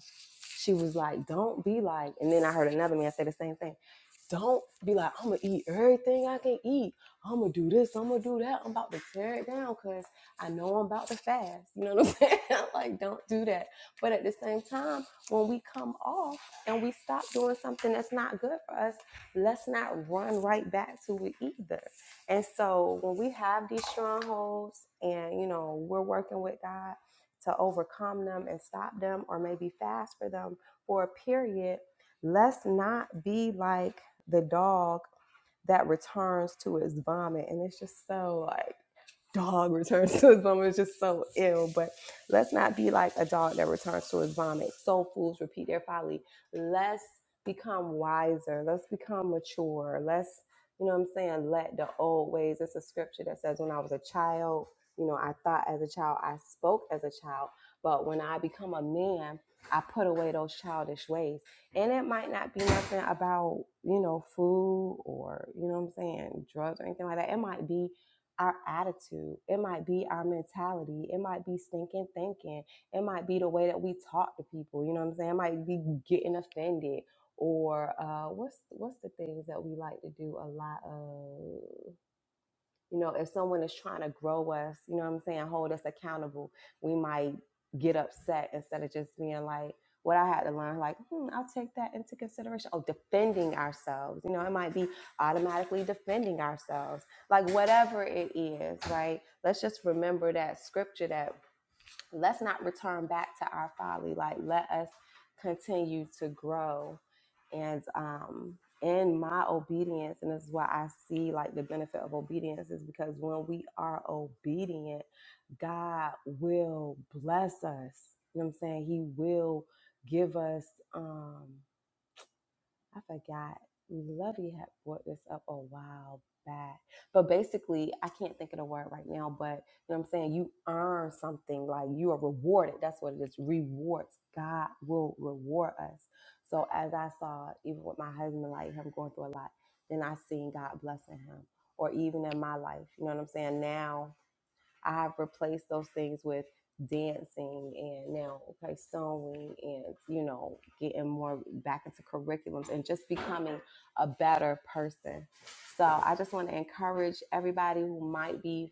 she was like, don't be like, and then I heard another man say the same thing. Don't be like, I'm gonna eat everything I can eat. I'm gonna do this, I'm gonna do that. I'm about to tear it down because I know I'm about to fast. You know what I'm saying? like, don't do that. But at the same time, when we come off and we stop doing something that's not good for us, let's not run right back to it either. And so when we have these strongholds and, you know, we're working with God to overcome them and stop them, or maybe fast for them for a period, let's not be like the dog that returns to its vomit. And it's just so like, dog returns to his vomit is just so ill. But let's not be like a dog that returns to his vomit. So fools repeat their folly. Let's become wiser. Let's become mature. Let's, you know what I'm saying, let the old ways. It's a scripture that says, When I was a child, you know, I thought as a child, I spoke as a child. But when I become a man, I put away those childish ways. And it might not be nothing about, you know, food or, you know what I'm saying, drugs or anything like that. It might be our attitude. It might be our mentality. It might be stinking thinking. It might be the way that we talk to people. You know what I'm saying? It might be getting offended or uh, what's what's the things that we like to do a lot of. You know, if someone is trying to grow us, you know what I'm saying, hold us accountable, we might get upset instead of just being like, what I had to learn, like, hmm, I'll take that into consideration. Oh, defending ourselves. You know, it might be automatically defending ourselves, like whatever it is, right? Let's just remember that scripture that let's not return back to our folly. Like, let us continue to grow and um, in my obedience. And this is why I see like the benefit of obedience is because when we are obedient, God will bless us. You know what I'm saying? He will give us. Um, I forgot. Lovey had brought this up a while back. But basically, I can't think of the word right now, but you know what I'm saying? You earn something, like you are rewarded. That's what it is. Rewards. God will reward us. So as I saw, even with my husband, like him going through a lot, then I seen God blessing him. Or even in my life, you know what I'm saying? Now I've replaced those things with dancing and now okay sewing and you know getting more back into curriculums and just becoming a better person so i just want to encourage everybody who might be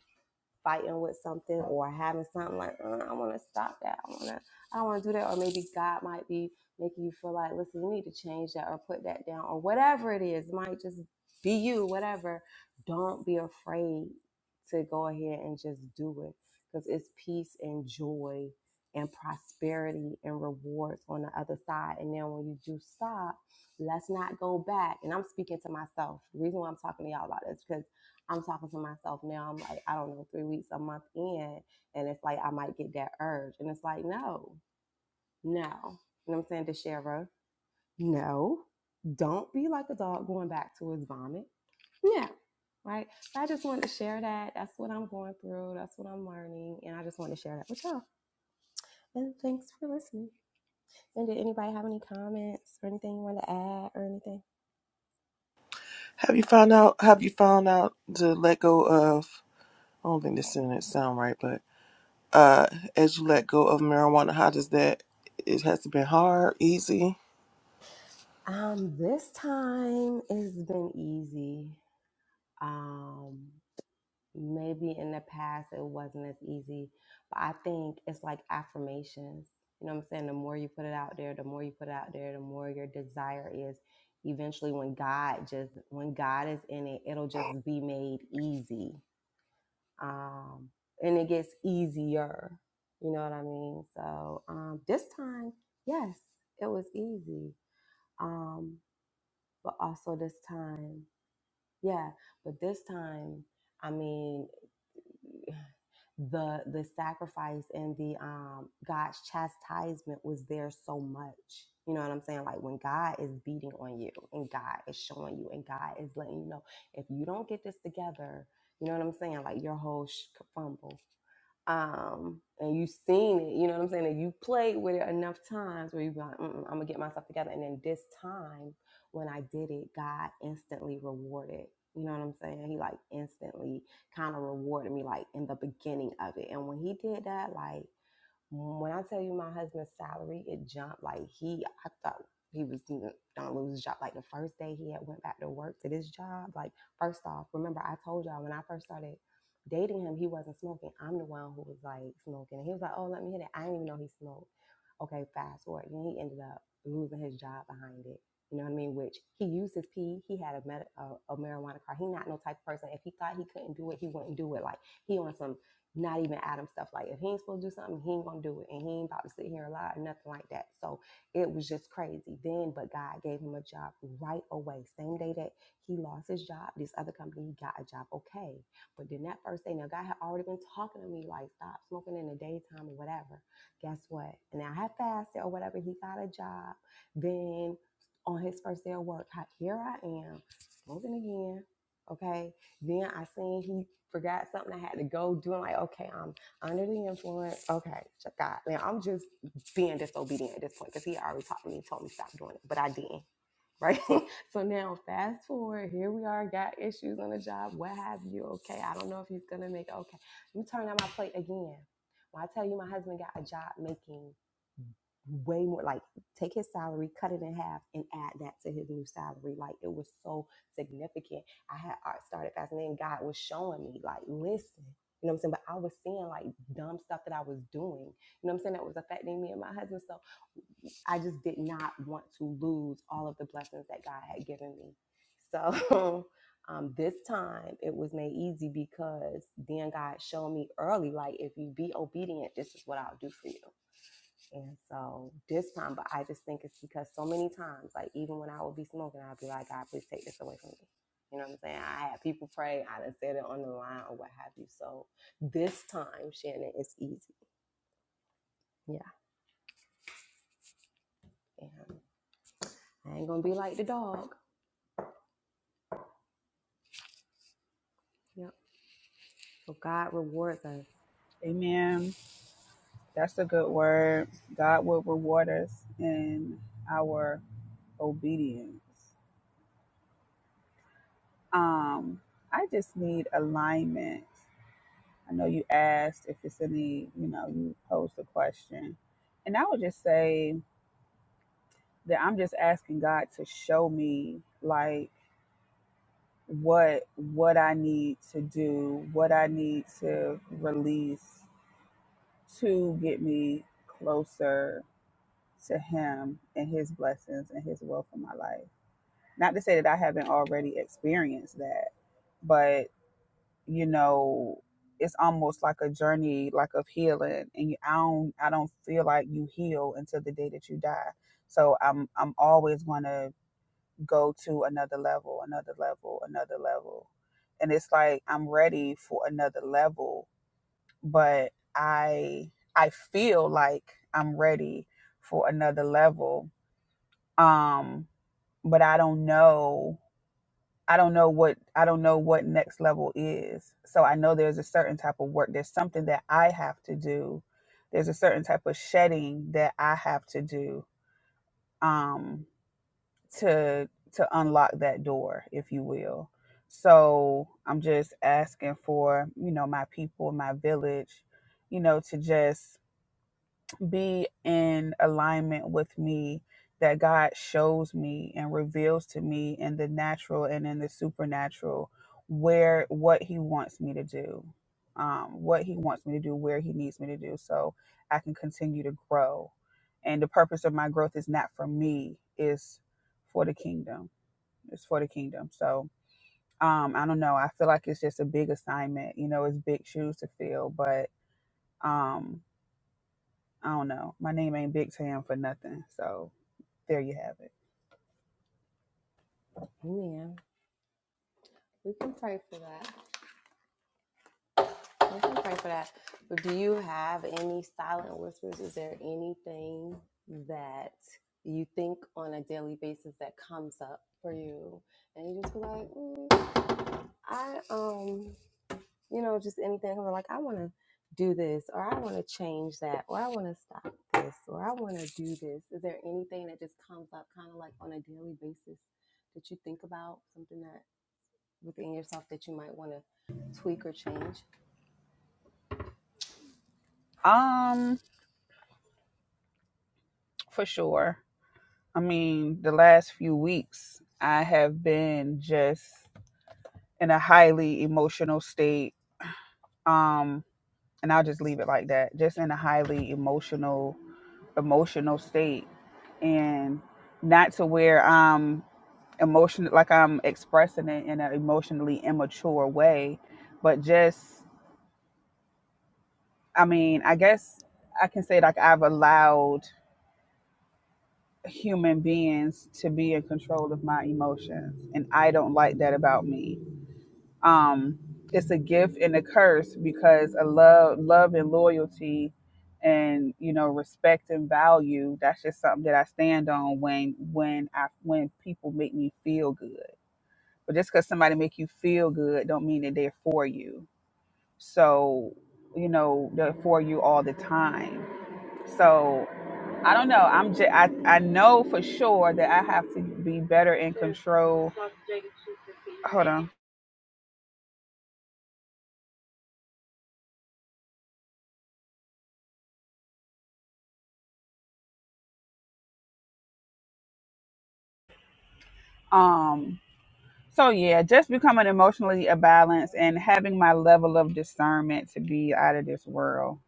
fighting with something or having something like, "Uh, I want to stop that. I want to, I don't want to do that. Or maybe God might be making you feel like, listen, you need to change that or put that down or whatever it is. It might just be you, whatever. Don't be afraid to go ahead and just do it because it's peace and joy and prosperity and rewards on the other side. And then when you do stop, let's not go back. And I'm speaking to myself. The reason why I'm talking to y'all about this because. I'm talking to myself now. I'm like, I don't know, three weeks, a month in, and it's like I might get that urge. And it's like, no, no. You know what I'm saying to Shara? No. Don't be like a dog going back to his vomit. No. Right. So I just wanted to share that. That's what I'm going through. That's what I'm learning. And I just wanted to share that with y'all. And thanks for listening. And did anybody have any comments or anything you want to add or anything? have you found out? Have you found out to let go of? I don't think this sentence sound right, but uh, as you let go of marijuana, how does that? It has been hard, easy. Um, this time it's been easy. Um, maybe in the past it wasn't as easy but i think it's like affirmations you know what i'm saying the more you put it out there the more you put it out there the more your desire is eventually when god just when god is in it it'll just be made easy um and it gets easier you know what i mean so um this time yes it was easy um but also this time yeah but this time I mean, the the sacrifice and the um God's chastisement was there so much. You know what I'm saying? Like when God is beating on you and God is showing you and God is letting you know if you don't get this together, you know what I'm saying? Like your whole sh- could fumble. Um, and you seen it, you know what I'm saying? And you played with it enough times where you be like, Mm-mm, I'm gonna get myself together. And then this time when I did it, God instantly rewarded. You know what I'm saying? He like instantly kind of rewarded me like in the beginning of it. And when he did that, like when I tell you my husband's salary, it jumped like he I thought he was n- gonna lose his job. Like the first day he had went back to work to this job, like first off, remember I told y'all when I first started dating him, he wasn't smoking. I'm the one who was like smoking. And he was like, Oh, let me hit it. I didn't even know he smoked. Okay, fast forward. Then he ended up losing his job behind it. You know what I mean? Which he used his pee. He had a, med- a, a marijuana card. He not no type of person. If he thought he couldn't do it, he wouldn't do it. Like he on some not even Adam stuff. Like if he ain't supposed to do something, he ain't gonna do it, and he ain't about to sit here and lie, or nothing like that. So it was just crazy. Then, but God gave him a job right away. Same day that he lost his job, this other company he got a job. Okay, but then that first day, now God had already been talking to me like stop smoking in the daytime or whatever. Guess what? And I had fasted or whatever. He got a job. Then on his first day of work, here I am smoking again. Okay, then I seen he forgot something. I had to go do. I'm like, okay, I'm under the influence. Okay, check God. Now I'm just being disobedient at this point because he already talked to me, told me stop doing it, but I didn't. Right. so now fast forward, here we are, got issues on the job, what have you. Okay, I don't know if he's gonna make it. Okay, you turn on my plate again. When I tell you my husband got a job making way more like take his salary cut it in half and add that to his new salary like it was so significant i had I started fasting and god was showing me like listen you know what i'm saying but i was seeing like dumb stuff that i was doing you know what i'm saying that was affecting me and my husband so i just did not want to lose all of the blessings that god had given me so um, this time it was made easy because then god showed me early like if you be obedient this is what i'll do for you and so this time, but I just think it's because so many times, like even when I would be smoking, I'd be like, God, please take this away from me. You know what I'm saying? I had people pray, I done said it on the line or what have you. So this time, Shannon, it's easy. Yeah. And I ain't gonna be like the dog. Yep. So God rewards us. Amen. That's a good word. God will reward us in our obedience. Um, I just need alignment. I know you asked if it's any, you know, you posed the question. And I would just say that I'm just asking God to show me like what what I need to do, what I need to release, to get me closer to him and his blessings and his will for my life. Not to say that I haven't already experienced that, but you know, it's almost like a journey like of healing and you, I don't I don't feel like you heal until the day that you die. So I'm I'm always going to go to another level, another level, another level. And it's like I'm ready for another level but I I feel like I'm ready for another level. Um, but I don't know. I don't know what I don't know what next level is. So I know there's a certain type of work. There's something that I have to do. There's a certain type of shedding that I have to do um, to to unlock that door, if you will. So I'm just asking for you know my people, my village, you know, to just be in alignment with me that God shows me and reveals to me in the natural and in the supernatural where what he wants me to do um, what he wants me to do where he needs me to do so i can continue to grow and the purpose of my growth is not for me is for the kingdom it's for the kingdom so um, i don't know i feel like it's just a big assignment you know it's big shoes to fill but um, I don't know. My name ain't Big Tam for nothing. So there you have it. Amen. We can pray for that. We can pray for that. But do you have any silent whispers? Is there anything that you think on a daily basis that comes up for you? And you just be like, mm, I, um, you know, just anything. Or like, I want to do this, or I want to change that, or I want to stop this, or I want to do this. Is there anything that just comes up kind of like on a daily basis that you think about? Something that within yourself that you might want to tweak or change? Um, for sure. I mean, the last few weeks I have been just in a highly emotional state. Um, and I'll just leave it like that. Just in a highly emotional emotional state and not to where I'm emotion like I'm expressing it in an emotionally immature way, but just I mean, I guess I can say like I've allowed human beings to be in control of my emotions and I don't like that about me. Um it's a gift and a curse because a love love and loyalty and you know respect and value that's just something that I stand on when when I when people make me feel good but just because somebody make you feel good don't mean that they're for you so you know they're for you all the time so i don't know i'm just I, I know for sure that i have to be better in control hold on um so yeah just becoming emotionally a balance and having my level of discernment to be out of this world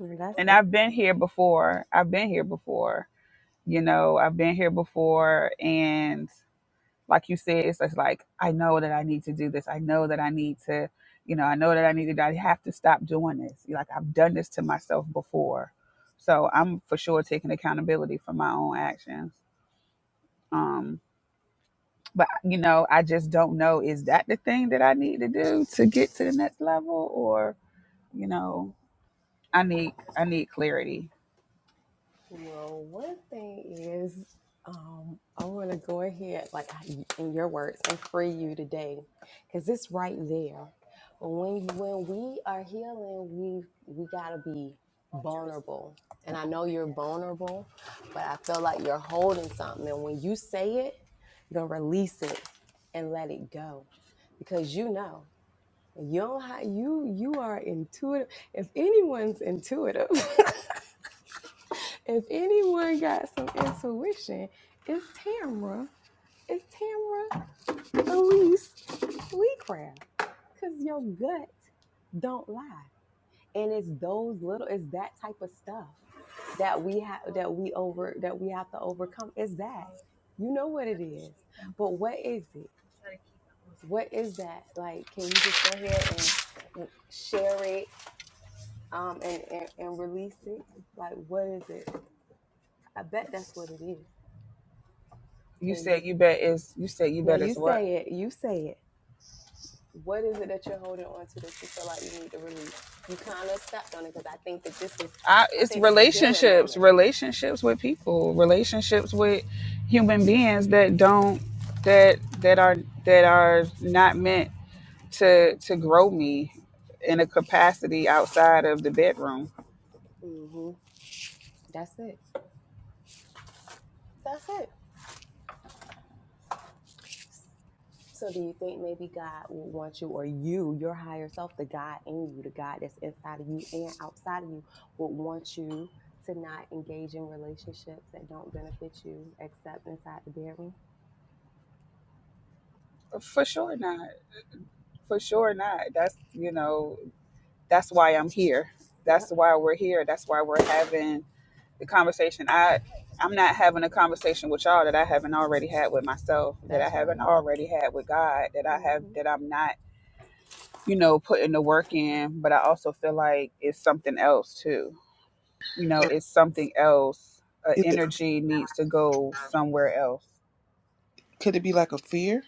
And that's and it. i've been here before i've been here before you know i've been here before and like you said, it's just like, I know that I need to do this. I know that I need to, you know, I know that I need to, I have to stop doing this. Like I've done this to myself before. So I'm for sure taking accountability for my own actions. Um, but you know, I just don't know, is that the thing that I need to do to get to the next level or, you know, I need, I need clarity. Well, one thing is, um, I want to go ahead, like in your words, and free you today, because it's right there. When when we are healing, we we gotta be vulnerable, and I know you're vulnerable, but I feel like you're holding something, and when you say it, you're gonna release it and let it go, because you know you don't have, you you are intuitive. If anyone's intuitive. If anyone got some intuition, it's Tamra. It's Tamra Elise Leecraft. Cause your gut don't lie. And it's those little, it's that type of stuff that we have that we over that we have to overcome. It's that. You know what it is. But what is it? What is that? Like, can you just go ahead and mm, share it um and, and, and release it? Like what is it? I bet that's what it is. You Can you said you bet is, you said you Now bet you is what? say it. You say it. What is it that you're holding on to that you feel like you need to release? You kind of stepped on it because I think that this is, I, I it's think that's a healing relationships, moment. relationships with people, relationships with human beings that don't that that are that are not meant to to grow me in a capacity outside of the bedroom. hmm That's it. That's it. So do you think maybe God will want you or you, your higher self, the God in you, the God that's inside of you and outside of you, will want you to not engage in relationships that don't benefit you except inside the bedroom? For sure not. For sure not. That's you know that's why I'm here. That's Yep, why we're here. That's why we're having the conversation. I I'm not having a conversation with y'all that I haven't already had with myself, that I that's right. haven't already had with God, that I have Mm-hmm. that I'm not you know, putting the work in, but I also feel like it's something else too. You know, it's something else. Uh, Is it? energy needs to go somewhere else. Could it be like a fear?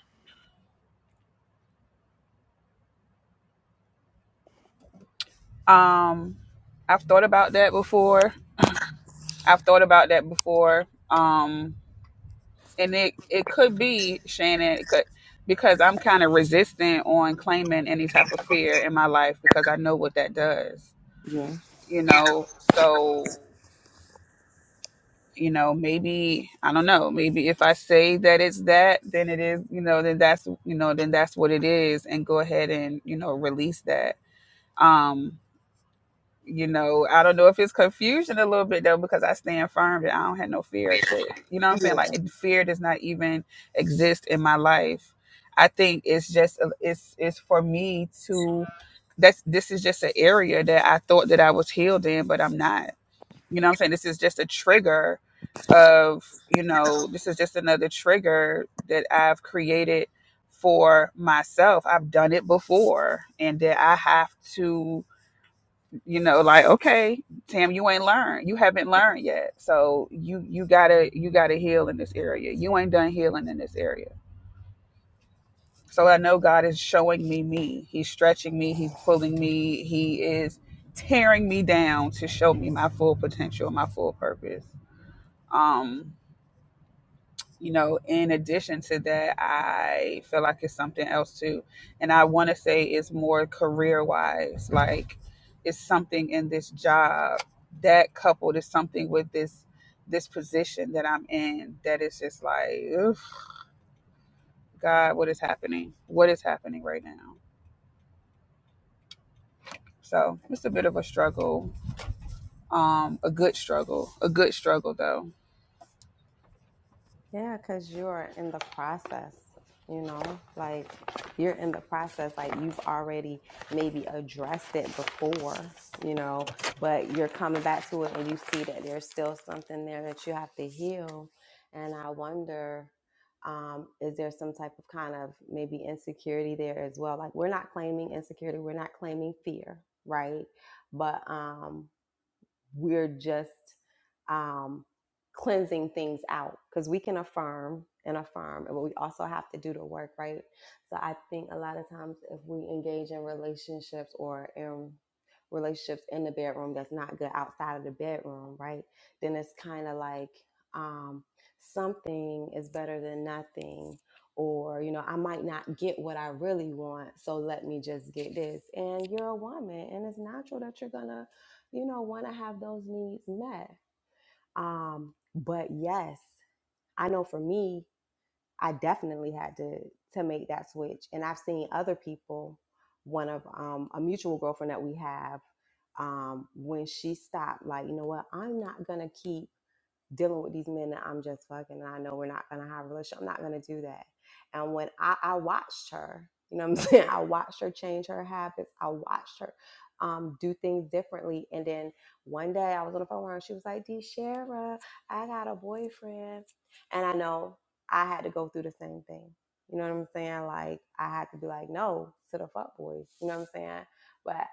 Um, I've thought about that before. I've thought about that before. Um, and it it could be Shannon, it could because I'm kind of resistant on claiming any type of fear in my life because I know what that does. Yeah. You know, so you know maybe i don't know maybe if i say that it's that then it is you know then that's you know then that's what it is and go ahead and you know release that um you know i don't know if it's confusion a little bit though because i stand firm that i don't have no fear of shit you know what i'm saying Yeah. like fear does not even exist in my life i think it's just uh, it's it's for me to that's this is just an area that i thought that i was healed in but i'm not you know what I'm saying? This is just a trigger of, you know, this is just another trigger that I've created for myself. I've done it before and that I have to, you know, like, okay, Tam, you ain't learned. You haven't learned yet. So you you gotta you gotta heal in this area. You ain't done healing in this area. So I know God is showing me me. He's stretching me, he's pulling me, he is tearing me down to show me my full potential, my full purpose. Um, you know, in addition to that, I feel like it's something else too. And I want to say it's more career wise. Like it's something in this job that coupled is something with this this position that I'm in that is just like, oof, God, what is happening? What is happening right now? So it's a bit of a struggle. Um, a good struggle. A good struggle though Yeah, because you're in the process, you know, like you're in the process, like you've already maybe addressed it before, you know, but you're coming back to it and you see that there's still something there that you have to heal. And I wonder, um, is there some type of kind of maybe insecurity there as well? Like, we're not claiming insecurity, we're not claiming fear, right? But, um, we're just um, cleansing things out because we can affirm and affirm, and but we also have to do the work, right? So I think a lot of times if we engage in relationships or in relationships in the bedroom that's not good outside of the bedroom, right? Then it's kind of like um, something is better than nothing. Or, you know, I might not get what I really want, so let me just get this. And you're a woman, and it's natural that you're gonna you know, want to have those needs met. Um, but yes, I know for me, I definitely had to to make that switch, and I've seen other people. One of um, a mutual girlfriend that we have, um, when she stopped, like, you know what, I'm not gonna keep dealing with these men that I'm just fucking and I know we're not gonna have a relationship. I'm not gonna do that. And when I, I watched her, you know what I'm saying? I watched her change her habits. I watched her um, do things differently. And then one day I was on the phone with her and she was like, D Shara, I got a boyfriend. And I know I had to go through the same thing. You know what I'm saying? Like I had to be like, no to the fuck boys. You know what I'm saying? But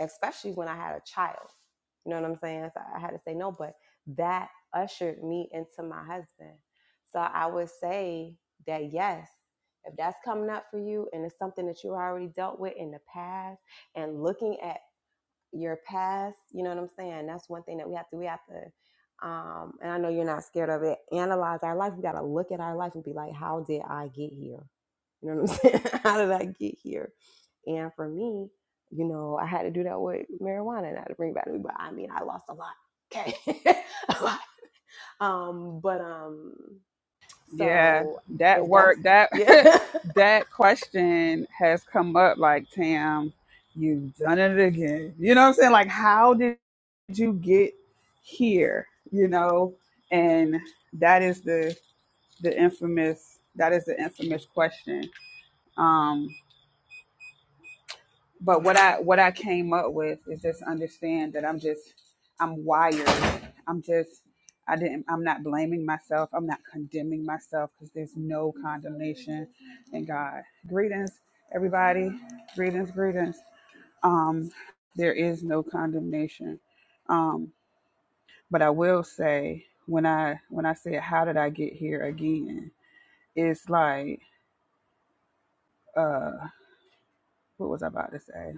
especially when I had a child. You know what I'm saying? So I had to say no. But that ushered me into my husband. So I would say that yes, if that's coming up for you and it's something that you already dealt with in the past and looking at your past, you know what I'm saying? That's one thing that we have to, we have to, um, and I know you're not scared of it, analyze our life. We got to look at our life and be like, how did I get here? You know what I'm saying? how did I get here? And for me, you know, I had to do that with marijuana and had to bring back to me. But I mean, I lost a lot. Okay. I um, but um, Yeah, so that if that's work that yeah, that question has come up like Tam, you've done it again. You know what I'm saying? Like how did you get here? You know? And that is the the infamous that is the infamous question. Um but what I what I came up with is just understand that I'm just I'm wired. I'm just I didn't I'm not blaming myself. I'm not condemning myself because there's no condemnation in God. Greetings, everybody. Greetings, greetings. Um, there is no condemnation. Um, but I will say when I when I said how did I get here again, it's like uh what was I about to say?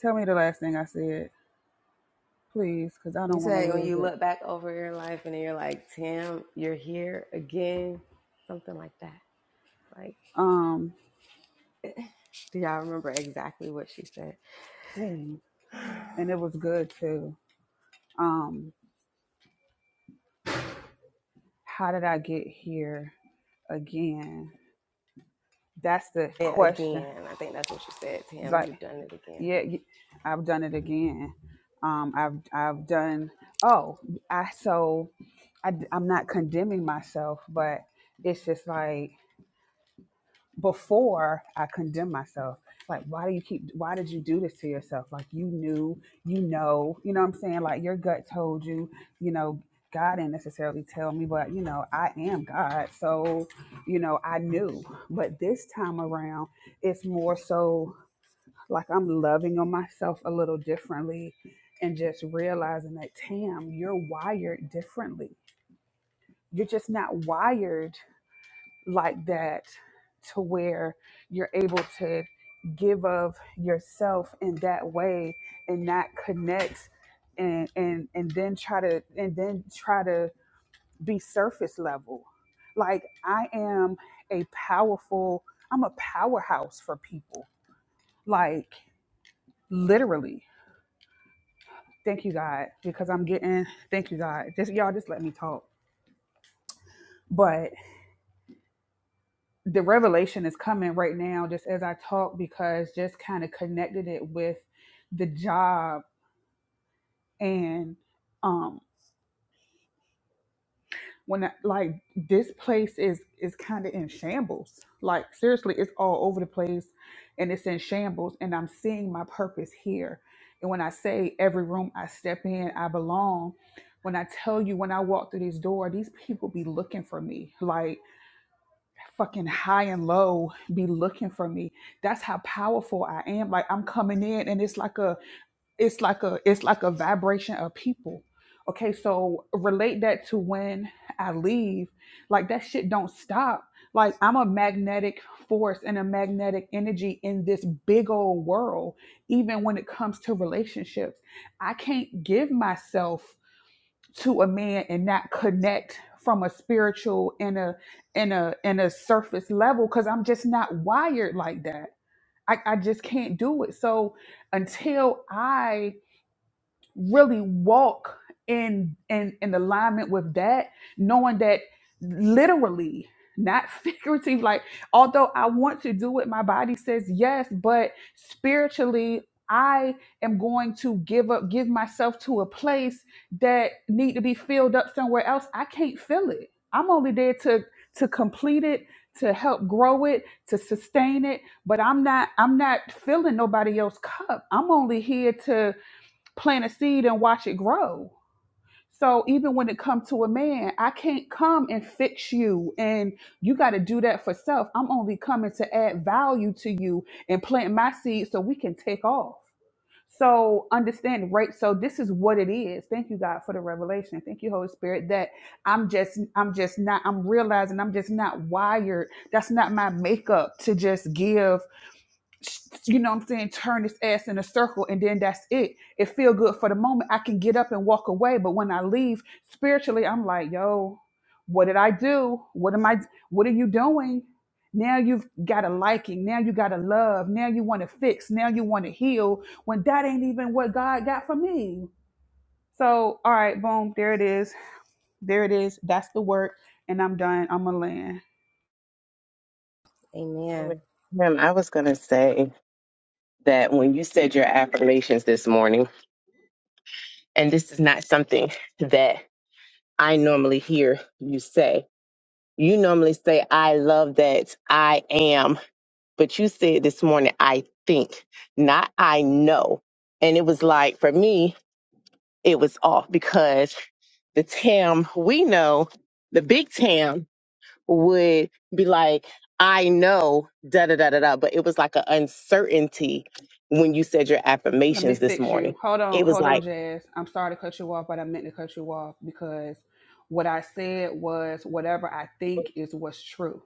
Tell me the last thing I said. please, because I You don't want to say when lose you it. look back over your life and you're like, Tim, you're here again, something like that. Like, Um, do y'all remember exactly what she said? dang, and it was good too. Um, how did I get here again? That's the Yeah, question. again. I think that's what she said, Tim. Like, You've done it again. yeah, y- I've done it again. Um, I've I've done. Oh, I so I, am not condemning myself, but it's just like. before I condemn myself. Like, why do you keep, why did you do this to yourself? Like, you knew, you know, you know what I'm saying? Like, your gut told you, you know, God didn't necessarily tell me, but, you know, I am God. So, you know, I knew. But this time around, it's more so like I'm loving on myself a little differently and just realizing that, Tam, you're wired differently. You're just not wired like that to where you're able to give of yourself in that way and not connect and and and then try to and then try to be surface level like i am a powerful i'm a powerhouse for people like literally thank you god because i'm getting thank you god just y'all just let me talk But. the revelation is coming right now just as I talk because just kind of connected it with the job and um when I, like this place is is kind of in shambles like seriously it's all over the place and it's in shambles and I'm seeing my purpose here and when I say every room I step in I belong when I tell you when I walk through this door these people be looking for me like. fucking high and low be looking for me that's how powerful i am like i'm coming in and it's like a it's like a it's like a vibration of people okay so relate that to when i leave like that shit don't stop like i'm a magnetic force and a magnetic energy in this big old world even when it comes to relationships i can't give myself to a man and not connect from a spiritual and a and a and a surface level because I'm just not wired like that. I, I just can't do it. So until I really walk in in in alignment with that knowing that literally not figurative like although i want to do it, my body says yes but spiritually i am going to give up give myself to a place that need to be filled up somewhere else i can't fill it i'm only there to to complete it to help grow it to sustain it but i'm not i'm not filling nobody else's cup i'm only here to plant a seed and watch it grow. So even when it comes to a man, I can't come and fix you and you got to do that for self. I'm only coming to add value to you and plant my seed so we can take off. So understand, right? So this is what it is. Thank you God for the revelation. Thank you Holy Spirit that I'm just I'm just not I'm realizing I'm just not wired. That's not my makeup to just give you know what I'm saying, turn this ass in a circle and then that's it. It feel good for the moment. I can get up and walk away, but when I leave spiritually, I'm like, yo, what did I do? What am I what are you doing? Now you've got a liking, now you got a love, now you want to fix, now you want to heal when that ain't even what God got for me. So, all right, boom, there it is. There it is. That's the work. And I'm done. I'm going to land. moment. Amen. Ma'am, I was going to say that when you said your affirmations this morning, and this is not something that I normally hear you say, you normally say, I love that I am. but you said this morning, I think, not I know. And it was like, for me, it was off because the Tam we know, the big Tam would be like, I know, da da da da da. But it was like an uncertainty when you said your Let me affirmations this fix morning. you. Hold on, It was hold on, like, Jazz. I'm sorry to cut you off, but I meant to cut you off because what I said was whatever I think is what's true.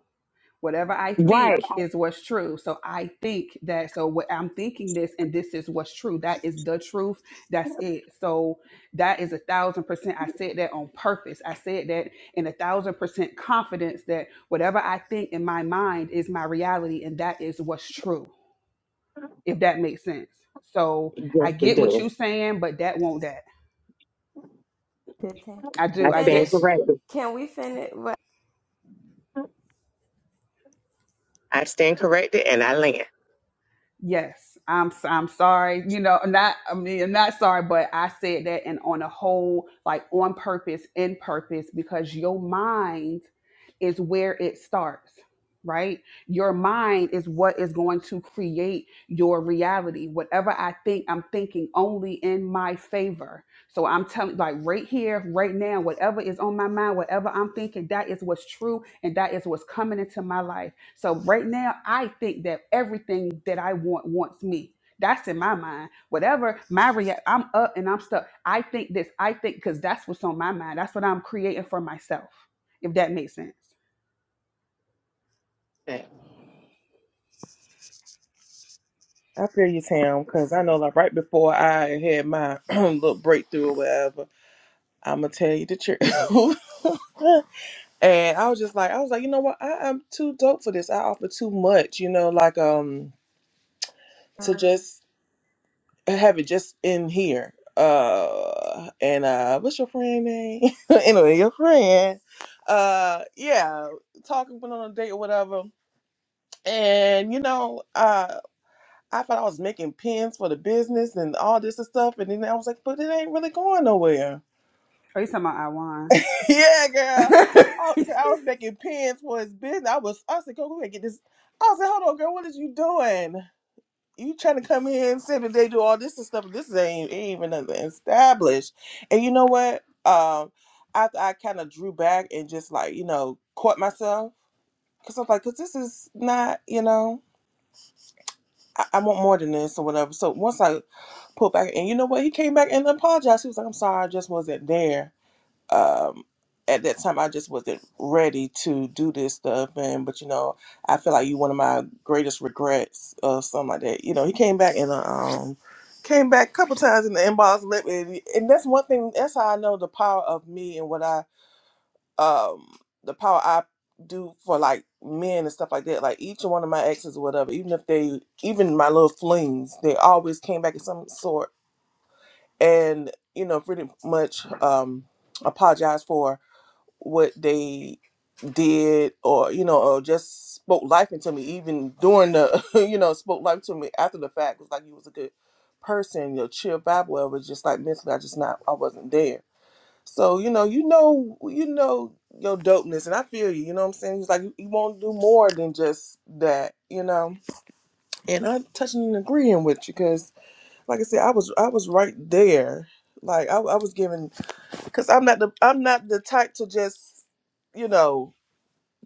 whatever I right. think is what's true. So I think that, so what I'm thinking this and this is what's true. That is the truth. That's it. So that is a thousand percent. I said that on purpose. I said that in a thousand percent confidence that whatever I think in my mind is my reality and that is what's true, if that makes sense. So Yes, I it get what do. you're saying, but that won't that. Good, Tim. I Oh. I do. I get stand Finish. corrected. Can we finish? What? I stand corrected and I land. Yes, I'm. s- I'm sorry. You know, not. I mean, I'm not sorry, but I said that, and on a whole, like on purpose, in purpose, because your mind is where it starts. Right, your mind is what is going to create your reality. Whatever I think, I'm thinking only in my favor. So I'm telling, like right here, right now, whatever is on my mind, whatever I'm thinking, that is what's true, and that is what's coming into my life. So right now, I think that everything that I want wants me. That's in my mind. Whatever my react, I'm up and I'm stuck. I think this. I think because that's what's on my mind. That's what I'm creating for myself. If that makes sense. I feel you, Tam, because I know, like, right before I had my little breakthrough or whatever, I'm going to tell you the truth. and I was just like, I was like, you know what? I, am too dope for this. I offer too much, you know, like, um, to Um, just have it just in here. Uh, and, uh, what's your friend name? anyway, your friend. Uh, yeah, talking, went on a date or whatever. And, you know, uh, I thought I was making pins for the business and all this and stuff, and then I was like, but it ain't really going nowhere. Are you talking about Iwan? yeah, girl. I, I was making pins for his business. I was, I said, go go ahead get this. I was like, hold on, girl, what is you doing? You trying to come here and say that they do all this and stuff? This ain't, ain't even nothing established. And you know what? Um, after I kind of drew back and just like you know caught myself because I was like, because this is not, you know. I, I want more than this or whatever. So once I pulled back, and you know what? He came back and apologized. He was like, I'm sorry, I just wasn't there. Um, at that time, I just wasn't ready to do this stuff. And, but you know, I feel like you one of my greatest regrets or something like that. You know, he came back and, uh, um, came back a couple times in the inbox. And let me- and that's one thing, that's how I know the power of me and what I um the power I do for like men and stuff like that. Like each one of my exes or whatever, even if they even my little flings, they always came back in some sort and, you know, pretty much um apologize for what they did or, you know, or just spoke life into me even during the you know, spoke life to me after the fact. It was like you was a good person, your chill vibe, whatever, just like mentally I just not I wasn't there so you know, you know, you know your dopeness, and I feel you. You know what I'm saying? It's like you, you want to do more than just that, you know. And I'm touching and agreeing with you because, like I said, I was I was right there. Like I, I was giving because I'm not the I'm not the type to just you know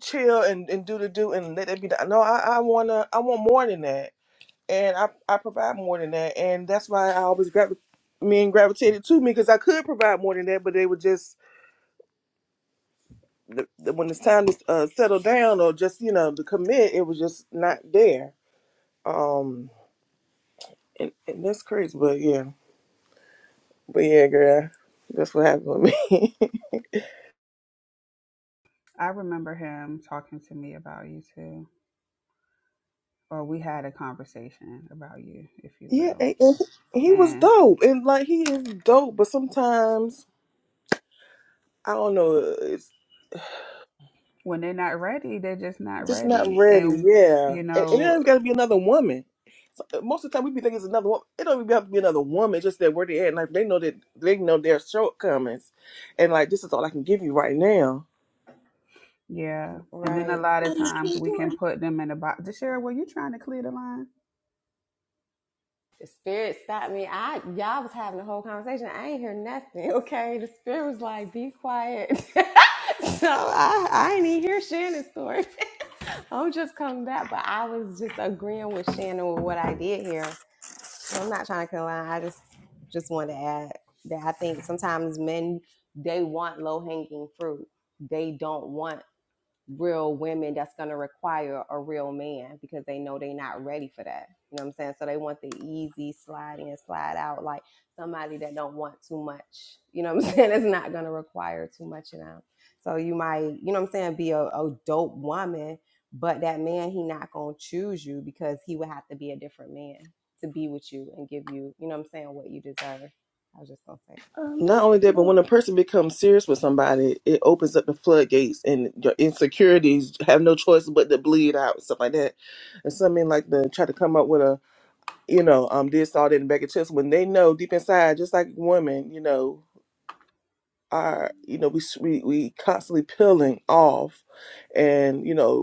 chill and, and do the do and let it be done. No, I, I wanna I want more than that, and I I provide more than that, and that's why I always gravi- men gravitated to me because I could provide more than that, but they would just the, the- when it's time to uh, settle down or just you know to commit, it was just not there. Um, and, and that's crazy, but yeah, but yeah, girl, that's what happened with me. I remember him talking to me about you too, or we had a conversation about you, if you yeah, will. and, and he he was And dope, and like he is dope, but sometimes I don't know, it's when they're not ready, they're just not just not ready. ready. And Yeah, you and, and know, there's got to be another woman. So, uh, Most of the time, we be thinking it's another woman. It don't even have to be another woman. It's just that where they at, in life, they know that they know their shortcomings, and like this is all I can give you right now Yeah. And then a right. lot of times we can put them in a box. Deshara, were you trying to clear the line? The spirit stopped me. I y'all was having a whole conversation. I ain't hear nothing. Okay. The spirit was like, be quiet. so I, I ain't even hear Shannon's story. I'm just coming back. But I was just agreeing with Shannon with what I did here. I'm not trying to lie. I just just wanted to add that I think sometimes men they want low hanging fruit. They don't want real women that's going to require a real man because they know they're not ready for that. You know what I'm saying? So they want the easy slide in, slide out, like somebody that don't want too much. You know what I'm saying? It's not going to require too much of them. So you might, you know what I'm saying, be a, a dope woman, but that man, he not going to choose you because he would have to be a different man to be with you and give you, you know what I'm saying, what you deserve. I was just going to say that. Not only that, but when a person becomes serious with somebody, it opens up the floodgates, and your insecurities have no choice but to bleed out, stuff like that. And some men like to try to come up with a, you know, um, this all that and back of chest when they know deep inside, just like women, you know, are you know we we we constantly peeling off, and you know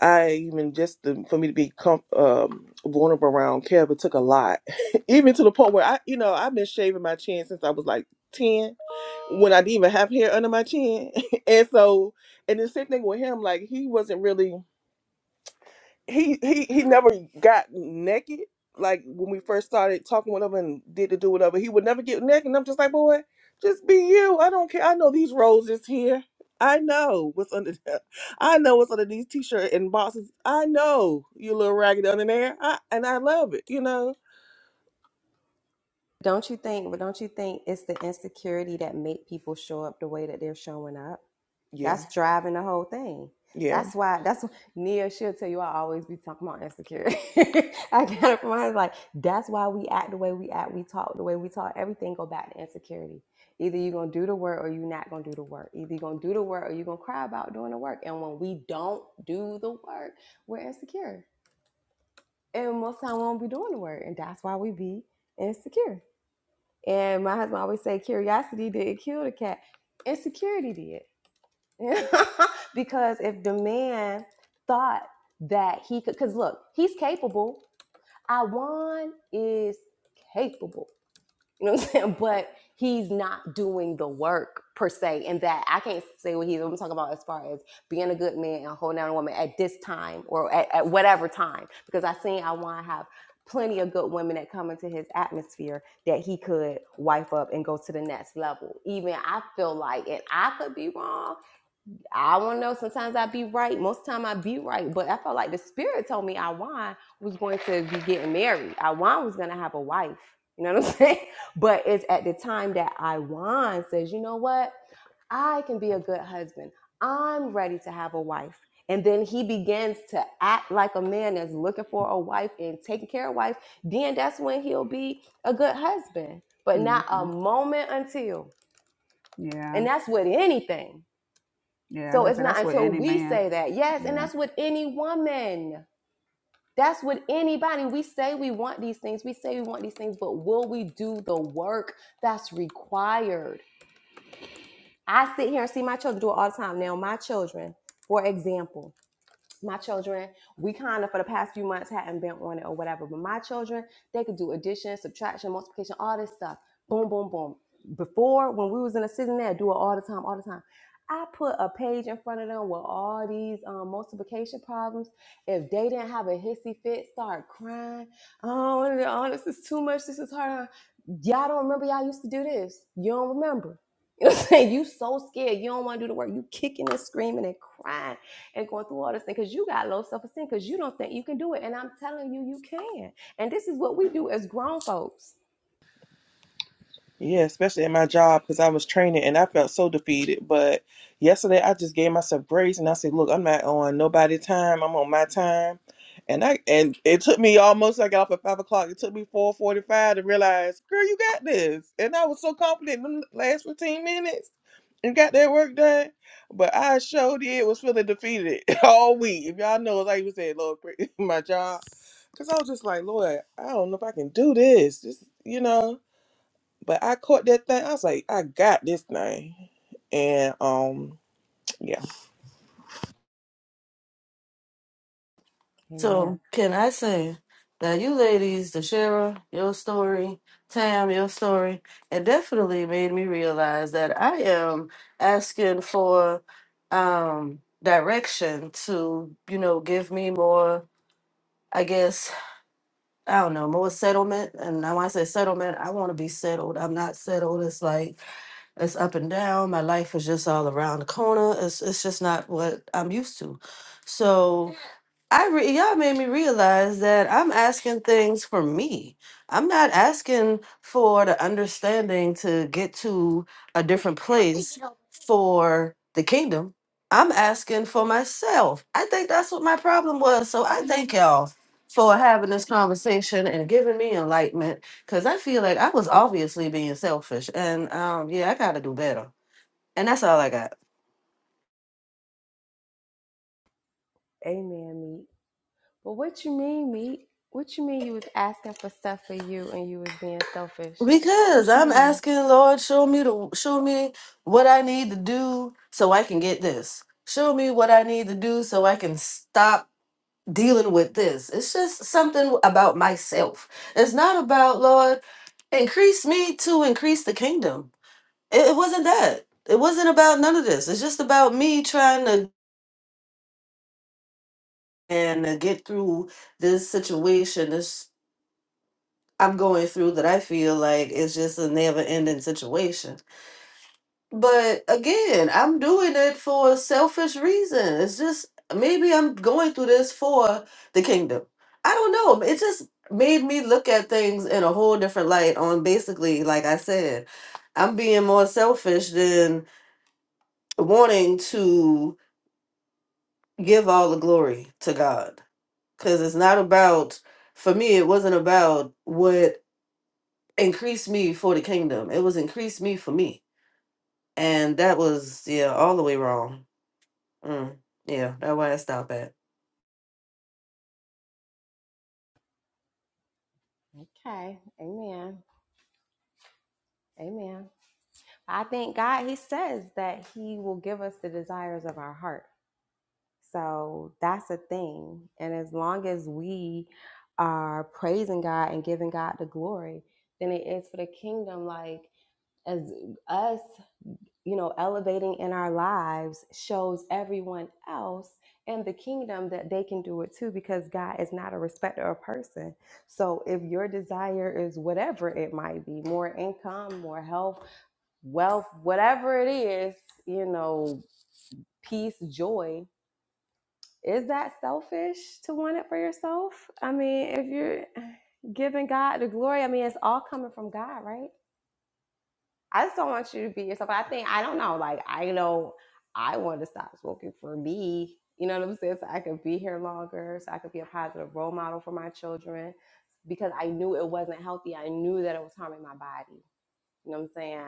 I even just to, for me to be com- um, vulnerable around Kev, it took a lot. even to the point where I, you know, I've been shaving my chin since I was like ten, when I didn't even have hair under my chin. and so, and the same thing with him, like he wasn't really he he he never got naked. Like when we first started talking with him and did the do whatever, he would never get naked. And I'm just like, boy, just be you. I don't care. I know these roses here. I know what's under. The, I know what's under these t-shirt and boxes. I know you little raggedy under there. I, and I love it. You know. Don't you think, but don't you think it's the insecurity that make people show up the way that they're showing up? Yeah. That's driving the whole thing. That's why. That's wh- Nia. She'll tell you I always be talking about insecurity. I got it from her. It's Like that's why we act the way we act. We talk the way we talk. Everything go back to insecurity. Either you're gonna do the work or you're not gonna do the work. Either you're gonna do the work or you're gonna cry about doing the work. And when we don't do the work, we're insecure. And most time we won't be doing the work. And that's why we be insecure. And my husband always say curiosity didn't kill the cat. Insecurity did because if the man thought that he could, because look, he's capable. Iwan is capable. You know what I'm saying? But he's not doing the work per se. And that I can't say what he's, I'm talking about as far as being a good man and holding down a woman at this time or at, at whatever time. Because I seen Iwan have plenty of good women that come into his atmosphere that he could wife up and go to the next level. Even I feel like, and I could be wrong, I don't know. Sometimes I be right. Most time I be right. But I felt like the spirit told me Iwan was going to be getting married. Iwan was going to have a wife. You know what I'm saying? But it's at the time that Iwan says, you know what? I can be a good husband. I'm ready to have a wife. And then he begins to act like a man that's looking for a wife and taking care of wife. Then that's when he'll be a good husband. But not a hmm moment until. Yeah. And that's with anything. Yeah. I was So gonna it's say not that's what until any we man. say that. Yes, and Yeah. that's with any woman. That's with anybody. We say we want these things. We say we want these things, but will we do the work that's required? I sit here and see my children do it all the time. Now, my children, for example, my children, we kind of for the past few months hadn't been on it or whatever, but my children, they could do addition, subtraction, multiplication, all this stuff. Boom, boom, boom. Before, when we was in a sitting there, do it all the time, all the time. I put a page in front of them with all these um, multiplication problems. If they didn't have a hissy fit, start crying. Oh, oh, this is too much. This is hard. huh?" Y'all don't remember y'all used to do this. You don't remember. You know what I'm saying? You so scared. You don't want to do the work. You kicking and screaming and crying and going through all this thing because you got low self esteem because you don't think you can do it. And I'm telling you, you can. And this is what we do as grown folks. Yeah, especially in my job because I was training and I felt so defeated. But yesterday I just gave myself grace and I said, "Look, I'm not on nobody's time. I'm on my time." And I and it took me almost I got off at five o'clock. It took me four forty five to realize, girl, you got this. And I was so confident in the last fifteen minutes and got that work done. But I showed did was feeling defeated all week. If y'all know, like you said, Lord, pray- my job. Cause I was just like, Lord, I don't know if I can do this. Just you know. But I caught that thing. I was like, I got this thing. And um, yeah, Amen. So can I say that you ladies, the Shara, your story, Tam, your story, it definitely made me realize that I am asking for um direction to, you know, give me more, I guess, I don't know, more settlement. And now when I say settlement, I want to be settled. I'm not settled. It's like it's up and down. My life is just all around the corner. It's it's just not what I'm used to. So I re- y'all made me realize that I'm asking things for me. I'm not asking for the understanding to get to a different place for the kingdom. I'm asking for myself. I think that's what my problem was. So I thank y'all for having this conversation and giving me enlightenment because I feel like I was obviously being selfish. And um, yeah, I got to do better. And that's all I got. Amen, Meek. But what you mean, Meek? What you mean you was asking for stuff for you and you was being selfish? Because What you I'm mean? asking Lord, show me the show me what I need to do so I can get this. Show me what I need to do so I can stop dealing with this. It's just something about myself. It's not about Lord, increase me to increase the kingdom. It, it wasn't that. It wasn't about none of this. It's just about me trying to and to get through this situation. This I'm going through that I feel like it's just a never ending situation But again, I'm doing it for a selfish reason. It's just maybe I'm going through this for the kingdom. I don't know. It just made me look at things in a whole different light on basically, like I said, I'm being more selfish than wanting to give all the glory to God. Because it's not about, for me, it wasn't about what increased me for the kingdom, it was increased me for me. And that was, yeah, all the way wrong. Mm, yeah, that's why I stop at. Okay. Amen. Amen. I think God, He says that He will give us the desires of our heart. So that's a thing. And as long as we are praising God and giving God the glory, then it is for the kingdom. Like, as us, you know, elevating in our lives shows everyone else and the kingdom that they can do it too because God is not a respecter of person. So if your desire is whatever it might be, more income, more health, wealth, whatever it is, you know, peace, joy, is that selfish to want it for yourself? I mean, if you're giving God the glory, I mean, it's all coming from God, right? I just don't want you to be yourself. I think, I don't know, like, I know I want to stop smoking for me, you know what I'm saying? So I could be here longer, so I could be a positive role model for my children because I knew it wasn't healthy. I knew that it was harming my body. You know what I'm saying?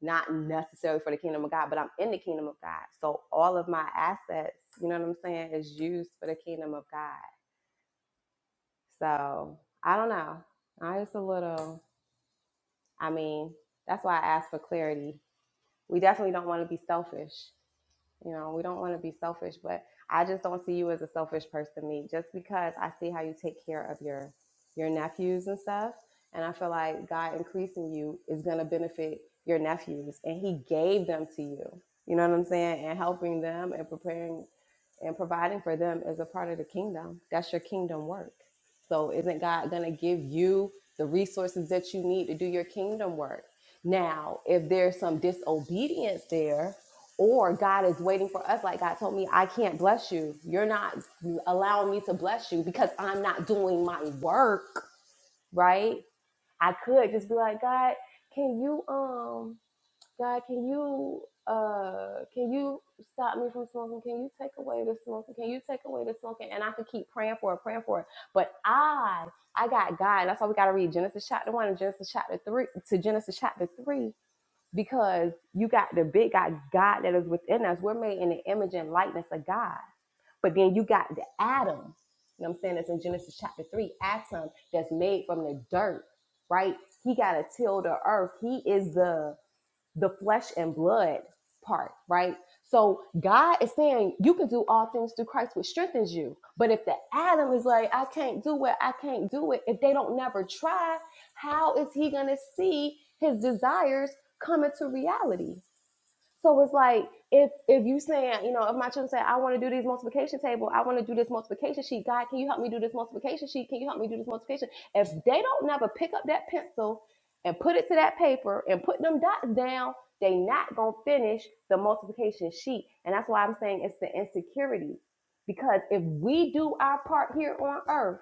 Not necessarily for the kingdom of God, but I'm in the kingdom of God. So all of my assets, you know what I'm saying, is used for the kingdom of God. So I don't know. I just a little, I mean, that's why I asked for clarity. We definitely don't want to be selfish. You know, we don't want to be selfish, but I just don't see you as a selfish person, me. Just because I see how you take care of your your nephews and stuff, and I feel like God increasing you is going to benefit your nephews, and He gave them to you. You know what I'm saying? And helping them and preparing and providing for them is a part of the kingdom. That's your kingdom work. So isn't God going to give you the resources that you need to do your kingdom work? Now, if there's some disobedience there, or God is waiting for us. Like God told me, I can't bless you. You're not allowing me to bless you because I'm not doing my work, right? I could just be like, God, can you, um, God, can you, uh, can you stop me from smoking? Can you take away the smoking? Can you take away the smoking? And I could keep praying for it, praying for it. But I, I got God. and That's why we got to read Genesis chapter one and Genesis chapter three to Genesis chapter three because you got the big God, God that is within us. We're made in the image and likeness of God. But then you got the Adam, you know what I'm saying? That's in Genesis chapter 3, Adam that's made from the dirt, right? He got to till the earth. He is the the flesh and blood part, right? So God is saying you can do all things through Christ, which strengthens you. But if the Adam is like, I can't do it, I can't do it, if they don't never try, how is he gonna see his desires come into reality? So it's like if if you saying, you know, if my children say, I want to do these multiplication table, I want to do this multiplication sheet. God, can you help me do this multiplication sheet? Can you help me do this multiplication? If they don't never pick up that pencil and put it to that paper and put them dots down, they not gonna finish the multiplication sheet. And that's why I'm saying it's the insecurity. Because if we do our part here on earth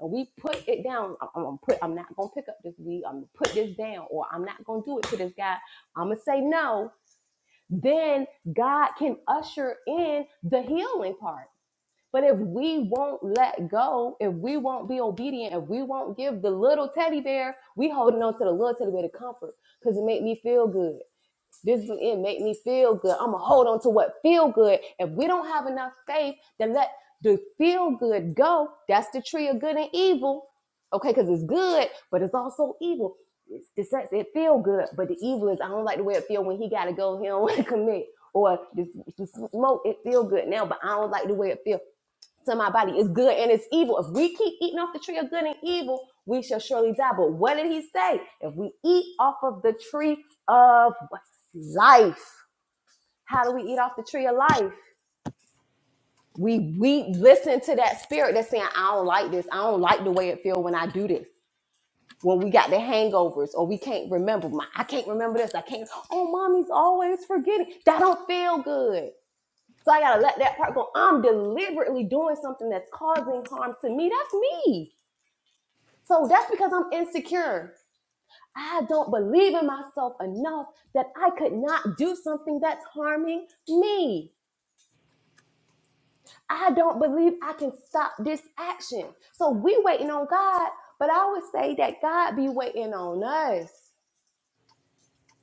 and we put it down, I'm, I'm gonna put I'm not gonna pick up this weed, I'm gonna put this down, or I'm not gonna do it to this guy, I'm gonna say no then God can usher in the healing part. But if we won't let go, if we won't be obedient, if we won't give the little teddy bear, we holding on to the little teddy bear to comfort because it made me feel good. This do it make me feel good. I'm gonna hold on to what feel good. If we don't have enough faith then let the feel good go, that's the tree of good and evil. Okay, because it's good, but it's also evil. It's, it it feel good, but the evil is I don't like the way it feel when he gotta go. He don't want to commit. Or the, the smoke, it feel good now, but I don't like the way it feel to my body is good and it's evil. If we keep eating off the tree of good and evil, we shall surely die. But what did he say? If we eat off of the tree of life, how do we eat off the tree of life? We we listen to that spirit that's saying, I don't like this. I don't like the way it feels when I do this. When we got the hangovers or we can't remember. My, I can't remember this. I can't. Oh, mommy's always forgetting. That don't feel good. So I gotta let that part go. I'm deliberately doing something that's causing harm to me. That's me So that's because I'm insecure. I don't believe in myself enough that I could not do something that's harming me. I don't believe I can stop this action. So we waiting on God, but I would say that God be waiting on us.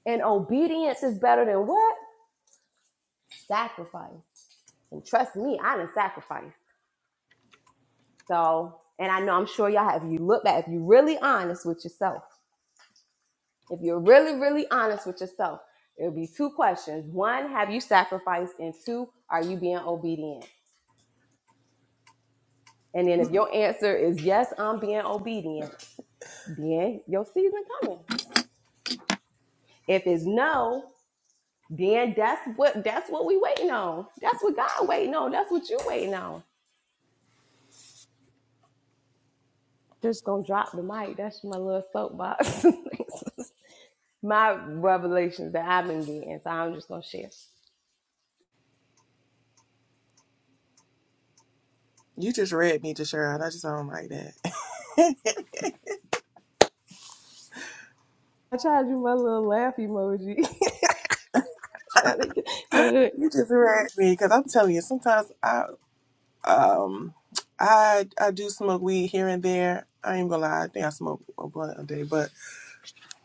And obedience is better than what? Sacrifice. And trust me, I done sacrifice. So, and I know I'm sure y'all have if you look back, if you really honest with yourself If you're really, really honest with yourself, it'll be two questions. One, have you sacrificed? And two, are you being obedient? And then if your answer is yes, I'm being obedient, then your season coming. If it's no, then that's what that's what we waiting on. That's what God waiting on. That's what you waiting on. Just gonna drop the mic. That's my little soapbox. my revelations that I've been getting. So I'm just gonna share. you just read me, Deshawn. I just don't like that. I tried to do my little laugh emoji. trying to get, you know, You just read me because I'm telling you, sometimes I um, I I do smoke weed here and there. I ain't gonna lie, I think I smoke a blunt a day, but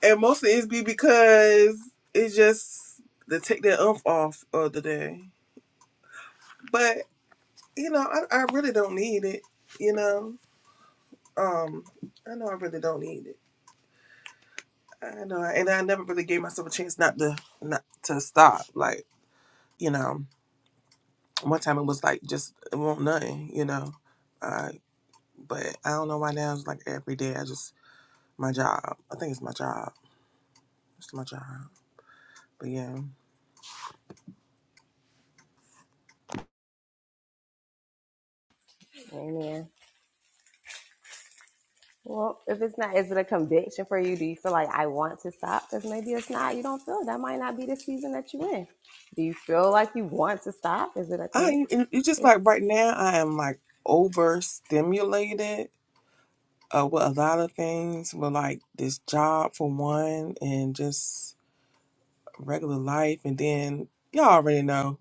and mostly it's be because it's just to take that umph off of the day. But you know, I I really don't need it. You know, um, I know I really don't need it. I know, and I never really gave myself a chance not to not to stop. Like you know, one time it was like just it won't nothing, you know. Uh, but I don't know why now it's like every day I just my job. I think it's my job. It's my job. But yeah, Amen. Well, if it's not, is it a conviction for you? Do you feel like I want to stop? Because maybe it's not. You don't feel that might not be the season that you're in. Do you feel like you want to stop? Is it a thing? I and it's just It's, like right now I am like overstimulated uh, with a lot of things, with like this job for one, and just regular life, and then y'all already know.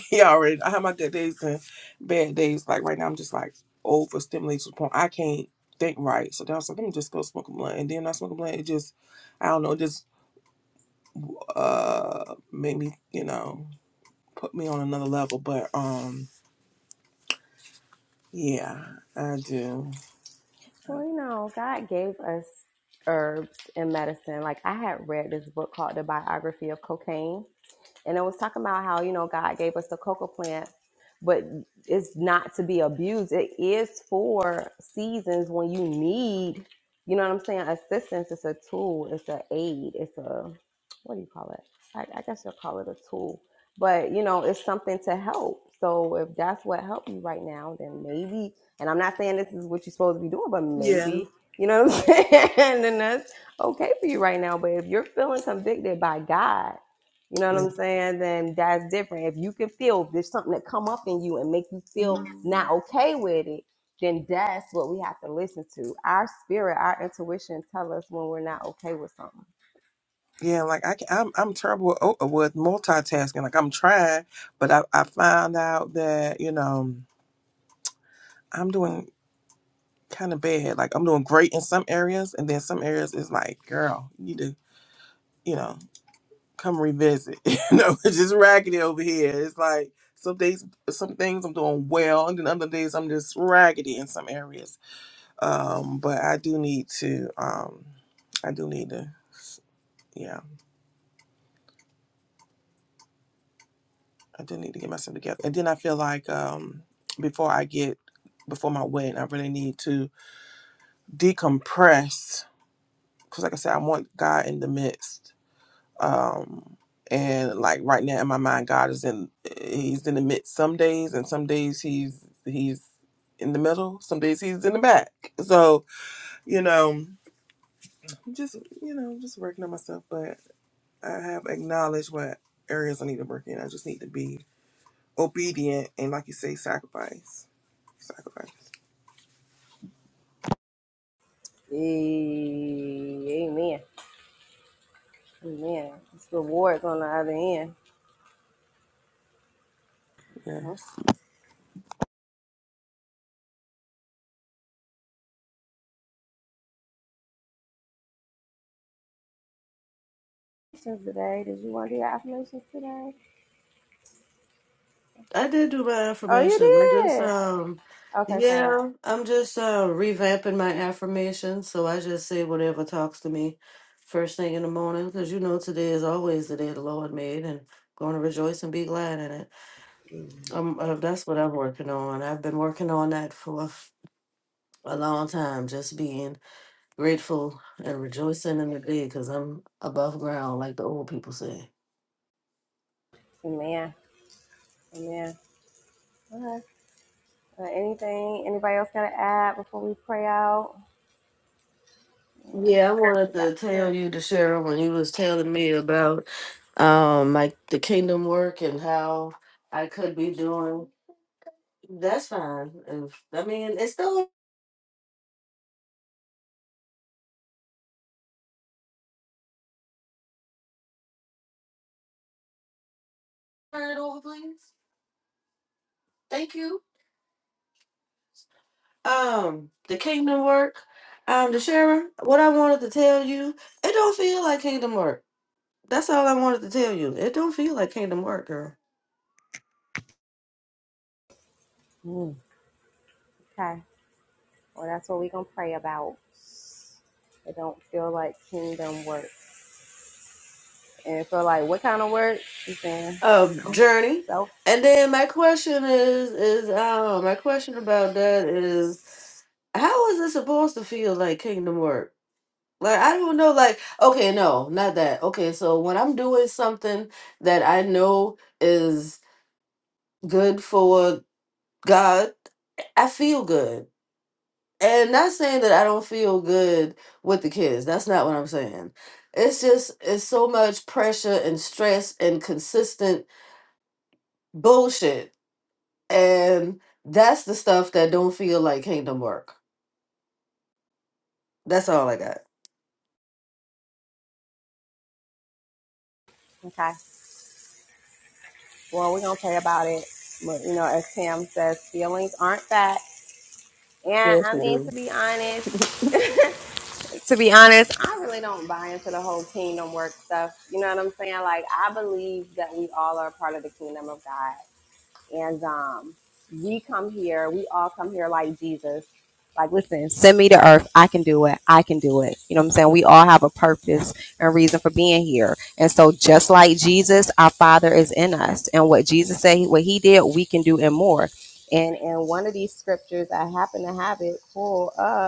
yeah, already. I have my good days and bad days. Like right now, I'm just like overstimulated to the point I can't think right. So then I was like, let me just go smoke a blunt. And then I smoke a blunt. It just, I don't know, it just uh made me, you know, put me on another level. But um, yeah, I do. well, you know, God gave us herbs and medicine. Like I had read this book called The Biography of Cocaine, and I was talking about how you know God gave us the cocoa plant, but it's not to be abused. It is for seasons when you need, you know what I'm saying, assistance. It's a tool. It's an aid. It's a what do you call it? I, I guess you'll call it a tool, but you know it's something to help. So if that's what helped you right now, then maybe. And I'm not saying this is what you're supposed to be doing, but Yeah. maybe you know what I'm saying. and that's okay for you right now. But if you're feeling convicted by God you know what I'm saying? Then that's different. If you can feel there's something that come up in you and make you Yeah, feel not okay with it, then that's what we have to listen to. Our spirit, our intuition tell us when we're not okay with something. yeah, like I can, I'm I'm terrible with, oh, with multitasking. Like I'm trying, but I I found out that you know. I'm doing. kind of bad. Like I'm doing great in some areas, and then some areas is like, girl, you need to, you know, come revisit. you know, it's just raggedy over here. It's like some days, some things I'm doing well, and then other days I'm just raggedy in some areas. Um, but I do need to, um, I do need to, yeah, I do need to get myself together. And then I feel like um, before I get before my wedding, I really need to decompress because, like I said, I want God in the midst um and like right now in my mind god is in he's in the midst some days and some days he's he's in the middle some days he's in the back so you know just you know just working on myself but i have acknowledged what areas i need to work in i just need to be obedient and like you say sacrifice sacrifice Eh, Amen. Amen. It's rewards on the other end. yeah Mhm. Affirmations Today, did you want to do your affirmations today? I did do my Oh, you affirmations. I just did. um Okay, sorry. yeah, I'm just uh revamping my affirmations, so I just say whatever talks to me first thing in the morning because you know today is always the day the Lord made and going to rejoice and be glad in it. Um uh, that's what I'm working on. I've been working on that for a long time, just being grateful and rejoicing in the day because I'm above ground like the old people say. Amen. Amen. Okay. Uh, anything? Anybody else got to add before we pray out? Mm, Yeah, I We wanted got to prayer tell you to share when you was telling me about um like the kingdom work and how I could be doing. That's fine. If I mean, it's still turn it over, please. Thank you. Um, the kingdom work. Um, the sharing. What I wanted to tell you, it don't feel like kingdom work. That's all I wanted to tell you. It don't feel like kingdom work, girl. Mm. Okay. Well, that's what we're going to pray about. It don't feel like kingdom work. And it feel like what kind of work? You saying Um, journey. so? And then my question is is um my question about that is how is it supposed to feel like kingdom work? Like I don't know. Like okay, no, not that. Okay, so when I'm doing something that I know is good for God, I feel good. And not saying that I don't feel good with the kids. That's not what I'm saying. It's just it's so much pressure and stress and consistent bullshit. And that's the stuff that don't feel like kingdom work. That's all I got. Okay. Well, we're going to pray about it. But, you know, as Tam says, feelings aren't facts. And Yes, I we mean, do. to be honest, to be honest, I really don't buy into the whole kingdom work stuff. You know what I'm saying? Like, I believe that we all are part of the kingdom of God. and um, we come here. We all come here like Jesus. Like, listen, send me to earth. I can do it. I can do it. You know what I'm saying? We all have a purpose and reason for being here. And so, just like Jesus, our Father is in us. And what Jesus said, what he did, we can do and more. And in one of these scriptures, I happen to have it pulled up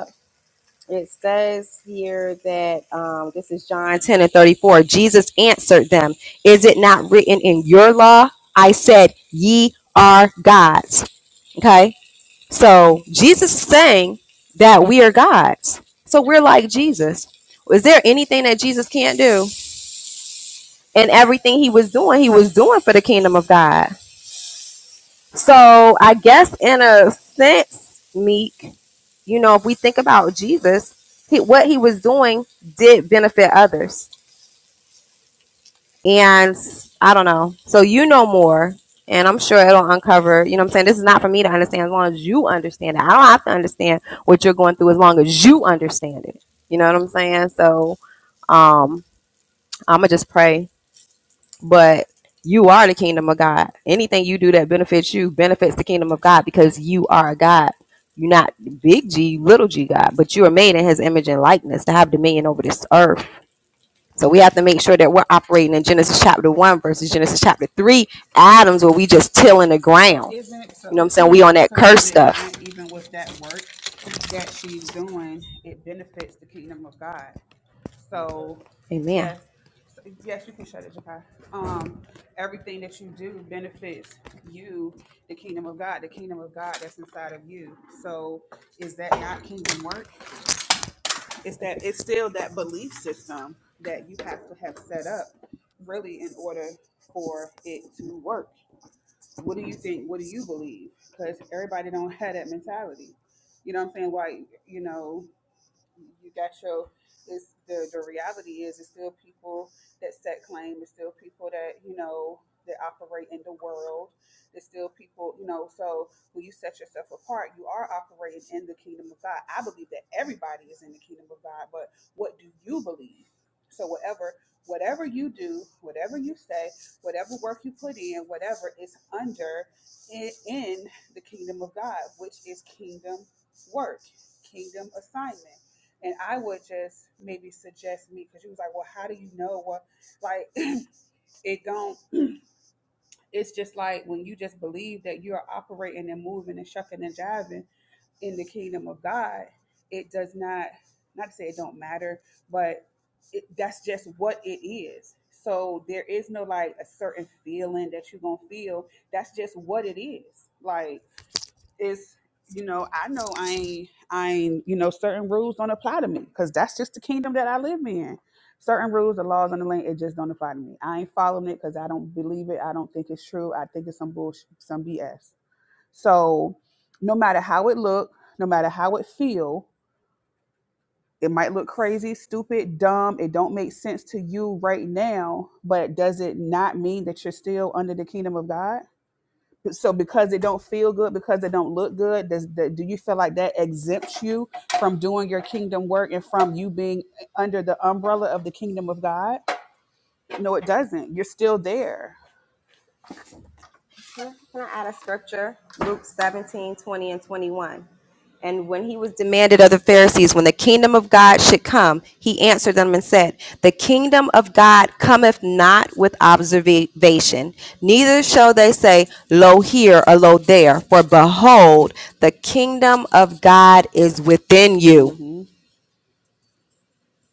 it says here that um, this is John 10 and 34. Jesus answered them, Is it not written in your law? I said, Ye are gods. Okay. So Jesus is saying that we are gods. So we're like Jesus. Is there anything that Jesus can't do? And everything he was doing, he was doing for the kingdom of God. So I guess in a sense, Meek, You know, if we think about Jesus, he, what he was doing did benefit others. And I don't know. So you know more. And I'm sure it'll uncover, you know what I'm saying? This is not for me to understand as long as you understand it. I don't have to understand what you're going through as long as you understand it. You know what I'm saying? So um, I'm going to just pray but you are the kingdom of God. Anything you do that benefits you benefits the kingdom of God because you are a God. You're not big G, little g God, but you are made in his image and likeness to have dominion over this earth. So we have to make sure that we're operating in Genesis chapter 1 versus Genesis chapter 3 Adams where we just tilling the So ground. isn't You know what I'm so saying? We on that so curse is it stuff. not even with that work that she's doing, it benefits the kingdom of God. So Amen. yes. so- Yes, you can shut it, Jakai. Um, everything that you do benefits you, the kingdom of God, the kingdom of God that's inside of you. So, is that not kingdom work? it's that it's still that belief system that you have to have set up really in order for it to work what do you think what do you believe because everybody don't have that mentality you know what i'm saying why you know you got your it's the the reality is it's still people that set claim it's still people that you know that operate in the world there's still people you know so when you set yourself apart you are operating in the kingdom of god i believe that everybody is in the kingdom of god but what do you believe so whatever whatever you do whatever you say whatever work you put in whatever is under in, in the kingdom of god which is kingdom work kingdom assignment and I would just maybe suggest me because she was like, well, how do you know what? Like, it don't. It's just like when you just believe that you're operating and moving and shucking and jiving in the kingdom of God, it does not. Not to say it don't matter, but it, that's just what it is. So there is no like a certain feeling that you're gonna feel. That's just what it is. Like it's you know i know i ain't i ain't you know certain rules don't apply to me because that's just the kingdom that i live in certain rules the laws on the land it just don't apply to me i ain't following it because i don't believe it i don't think it's true i think it's some bullshit some bs so no matter how it look no matter how it feel it might look crazy stupid dumb it don't make sense to you right now but does it not mean that you're still under the kingdom of god so because it don't feel good because it don't look good does that do you feel like that exempts you from doing your kingdom work and from you being under the umbrella of the kingdom of god no it doesn't you're still there Can I, can I add a scripture? Luke 17, 20, and 21. And when he was demanded of the Pharisees when the kingdom of God should come, he answered them and said, The kingdom of God cometh not with observation, neither shall they say, Lo here or lo there, for behold, the kingdom of God is within you. mm-hmm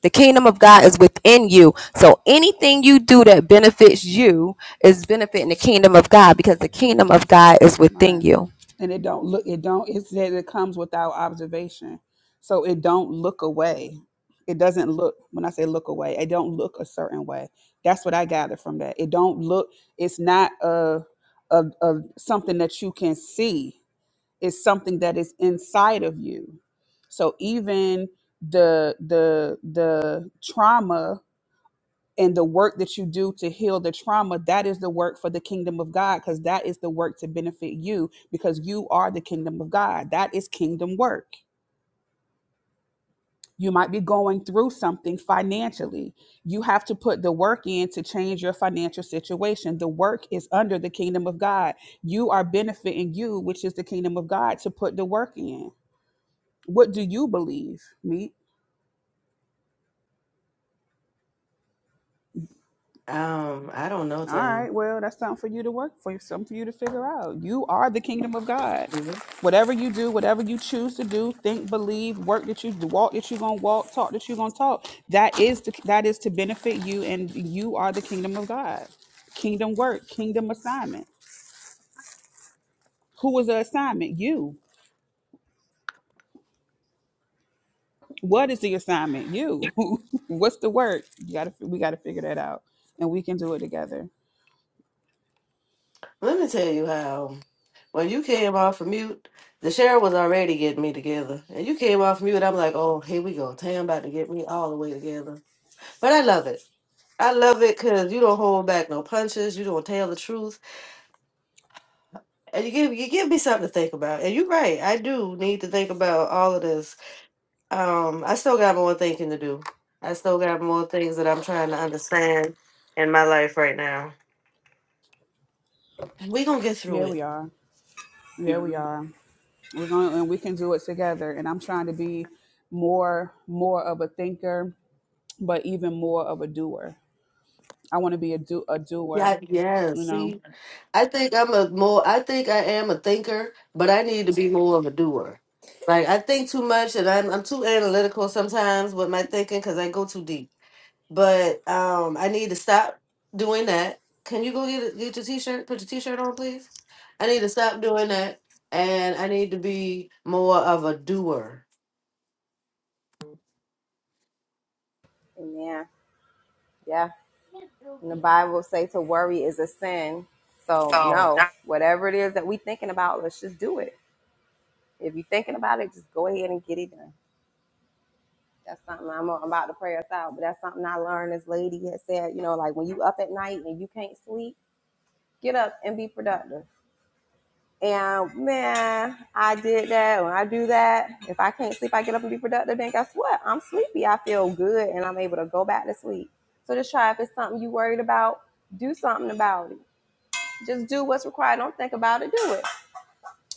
The kingdom of God is within you. So anything you do that benefits you is benefiting the kingdom of God because the kingdom of God is within right you. and it don't look it don't it said it comes without observation so it don't look away it doesn't look when i say look away it don't look a certain way that's what i gather from that it don't look it's not a, a, a something that you can see is something that is inside of you. So even the the the trauma and the work that you do to heal the trauma, that is the work for the kingdom of God because that is the work to benefit you because you are the kingdom of God. That is kingdom work. You might be going through something financially. You have to put the work in to change your financial situation. The work is under the kingdom of God. You are benefiting you, which is the kingdom of God, to put the work in. What do you believe, Meet? Um, I don't know, All Tam. right, well, that's something for you to work for, something for you to figure out. You are the kingdom of God. Mhm. Whatever you do, whatever you choose to do, think, believe, work that you do, walk that you're gonna walk, talk that you're gonna talk. That is the, that is to benefit you, and you are the kingdom of God. Kingdom work, kingdom assignment. Who was the assignment? You. What is the assignment? You. What's the work? You gotta we gotta figure that out. And we can do it together. Let me tell you how. When you came off of mute, the sheriff was already getting me together, and you came off mute. I'm like, oh, here we go. Tam about to get me all the way together. But I love it. I love it because you don't hold back no punches. You don't tell the truth, and you give you give me something to think about. And you're right. I do need to think about all of this. Um, I still got more thinking to do. I still got more things that I'm trying to understand in my life right now. We gonna get through Yeah, it we are. Yeah, we are. we're going and we can do it together and i'm trying to be more more of a thinker but even more of a doer i want to be a do a doer Yeah, yeah. you know See, I think I'm a more. I think I am a thinker, but I need to be more of a doer. Like I think too much, and I'm I'm too analytical sometimes with my thinking because I go too deep. But um, I need to stop doing that. Can you go get a, get your t-shirt? Put your t-shirt on, please. I need to stop doing that, and I need to be more of a doer. Amen. Yeah. And the Bible say to worry is a sin. So So no, whatever it is that we thinking about, let's just do it. If you're thinking about it, just go ahead and get it done. That's something I'm, I'm about to pray us out, but that's something I learned. This lady had said, you know, like when you up at night and you can't sleep, get up and be productive. And man, I did that. When I do that, if I can't sleep, I get up and be productive. Then guess what? I'm sleepy. I feel good, and I'm able to go back to sleep. So just try if it's something you worried about, do something about it Just do what's required. Don't think about it. Do it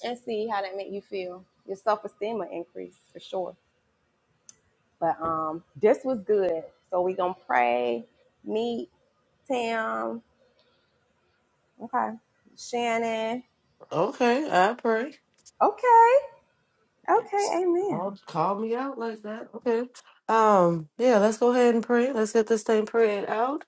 and see how that make you feel. Your self esteem will increase for sure. But um, this was good. So we gonna pray. Meet Tam. Okay, Shannon. Okay, I pray. Okay. Okay. Amen. Y'all call me out like that. Okay. Um, yeah, let's go ahead and pray. Let's get this thing prayed out.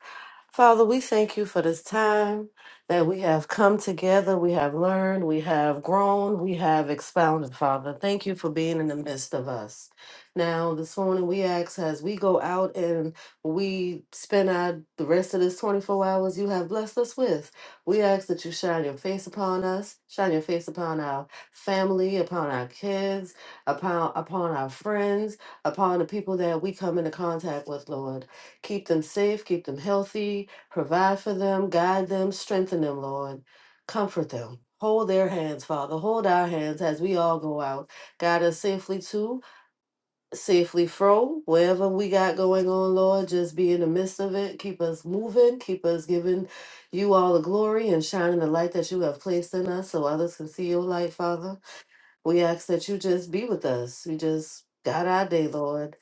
Father, we thank you for this time that we have come together, we have learned, we have grown, we have expounded, Father. Thank you for being in the midst of us. Now, this morning we ask as we go out and we spend our, the rest of this 24 hours you have blessed us with, we ask that you shine your face upon us, shine your face upon our family, upon our kids, upon, upon our friends, upon the people that we come into contact with, Lord. Keep them safe, keep them healthy, provide for them, guide them, strengthen them, Lord. Comfort them. Hold their hands, Father. Hold our hands as we all go out. Guide us safely to, safely fro, wherever we got going on, Lord. Just be in the midst of it. Keep us moving. Keep us giving you all the glory and shining the light that you have placed in us so others can see your light, Father. We ask that you just be with us. We just guide our day, Lord.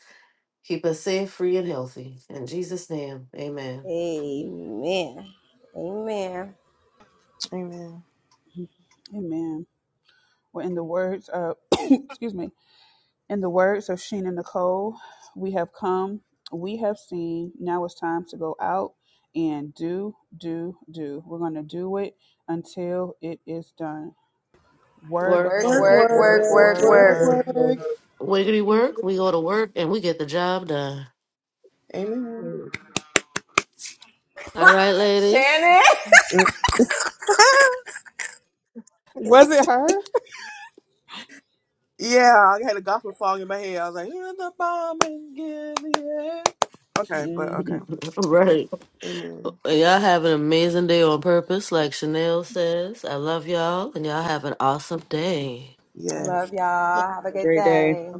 Keep us safe, free, and healthy. In Jesus' name, amen. Amen. Amen. amen amen well in the words of excuse me In the words of Sheena Nicole, we have come, we have seen, now it's time to go out and do, do, do. We're going to do it until it is done. Work, Work, Work. work work, Work. work work, work, work, Work. work Have Work. work, work. work work. Work. work Wiggity work. We go to work and we get the job done. amen a All right, ladies. Shannon. Was it her? Yeah, I had a gospel song in my head. I was like, "Hear the bomb and give the air." Okay, but Mm-hmm. okay, All right. amen. Y'all have an amazing day on purpose, like Chanel says. I love y'all, and y'all have an awesome day. Yes. Love y'all. Have a good great day. day.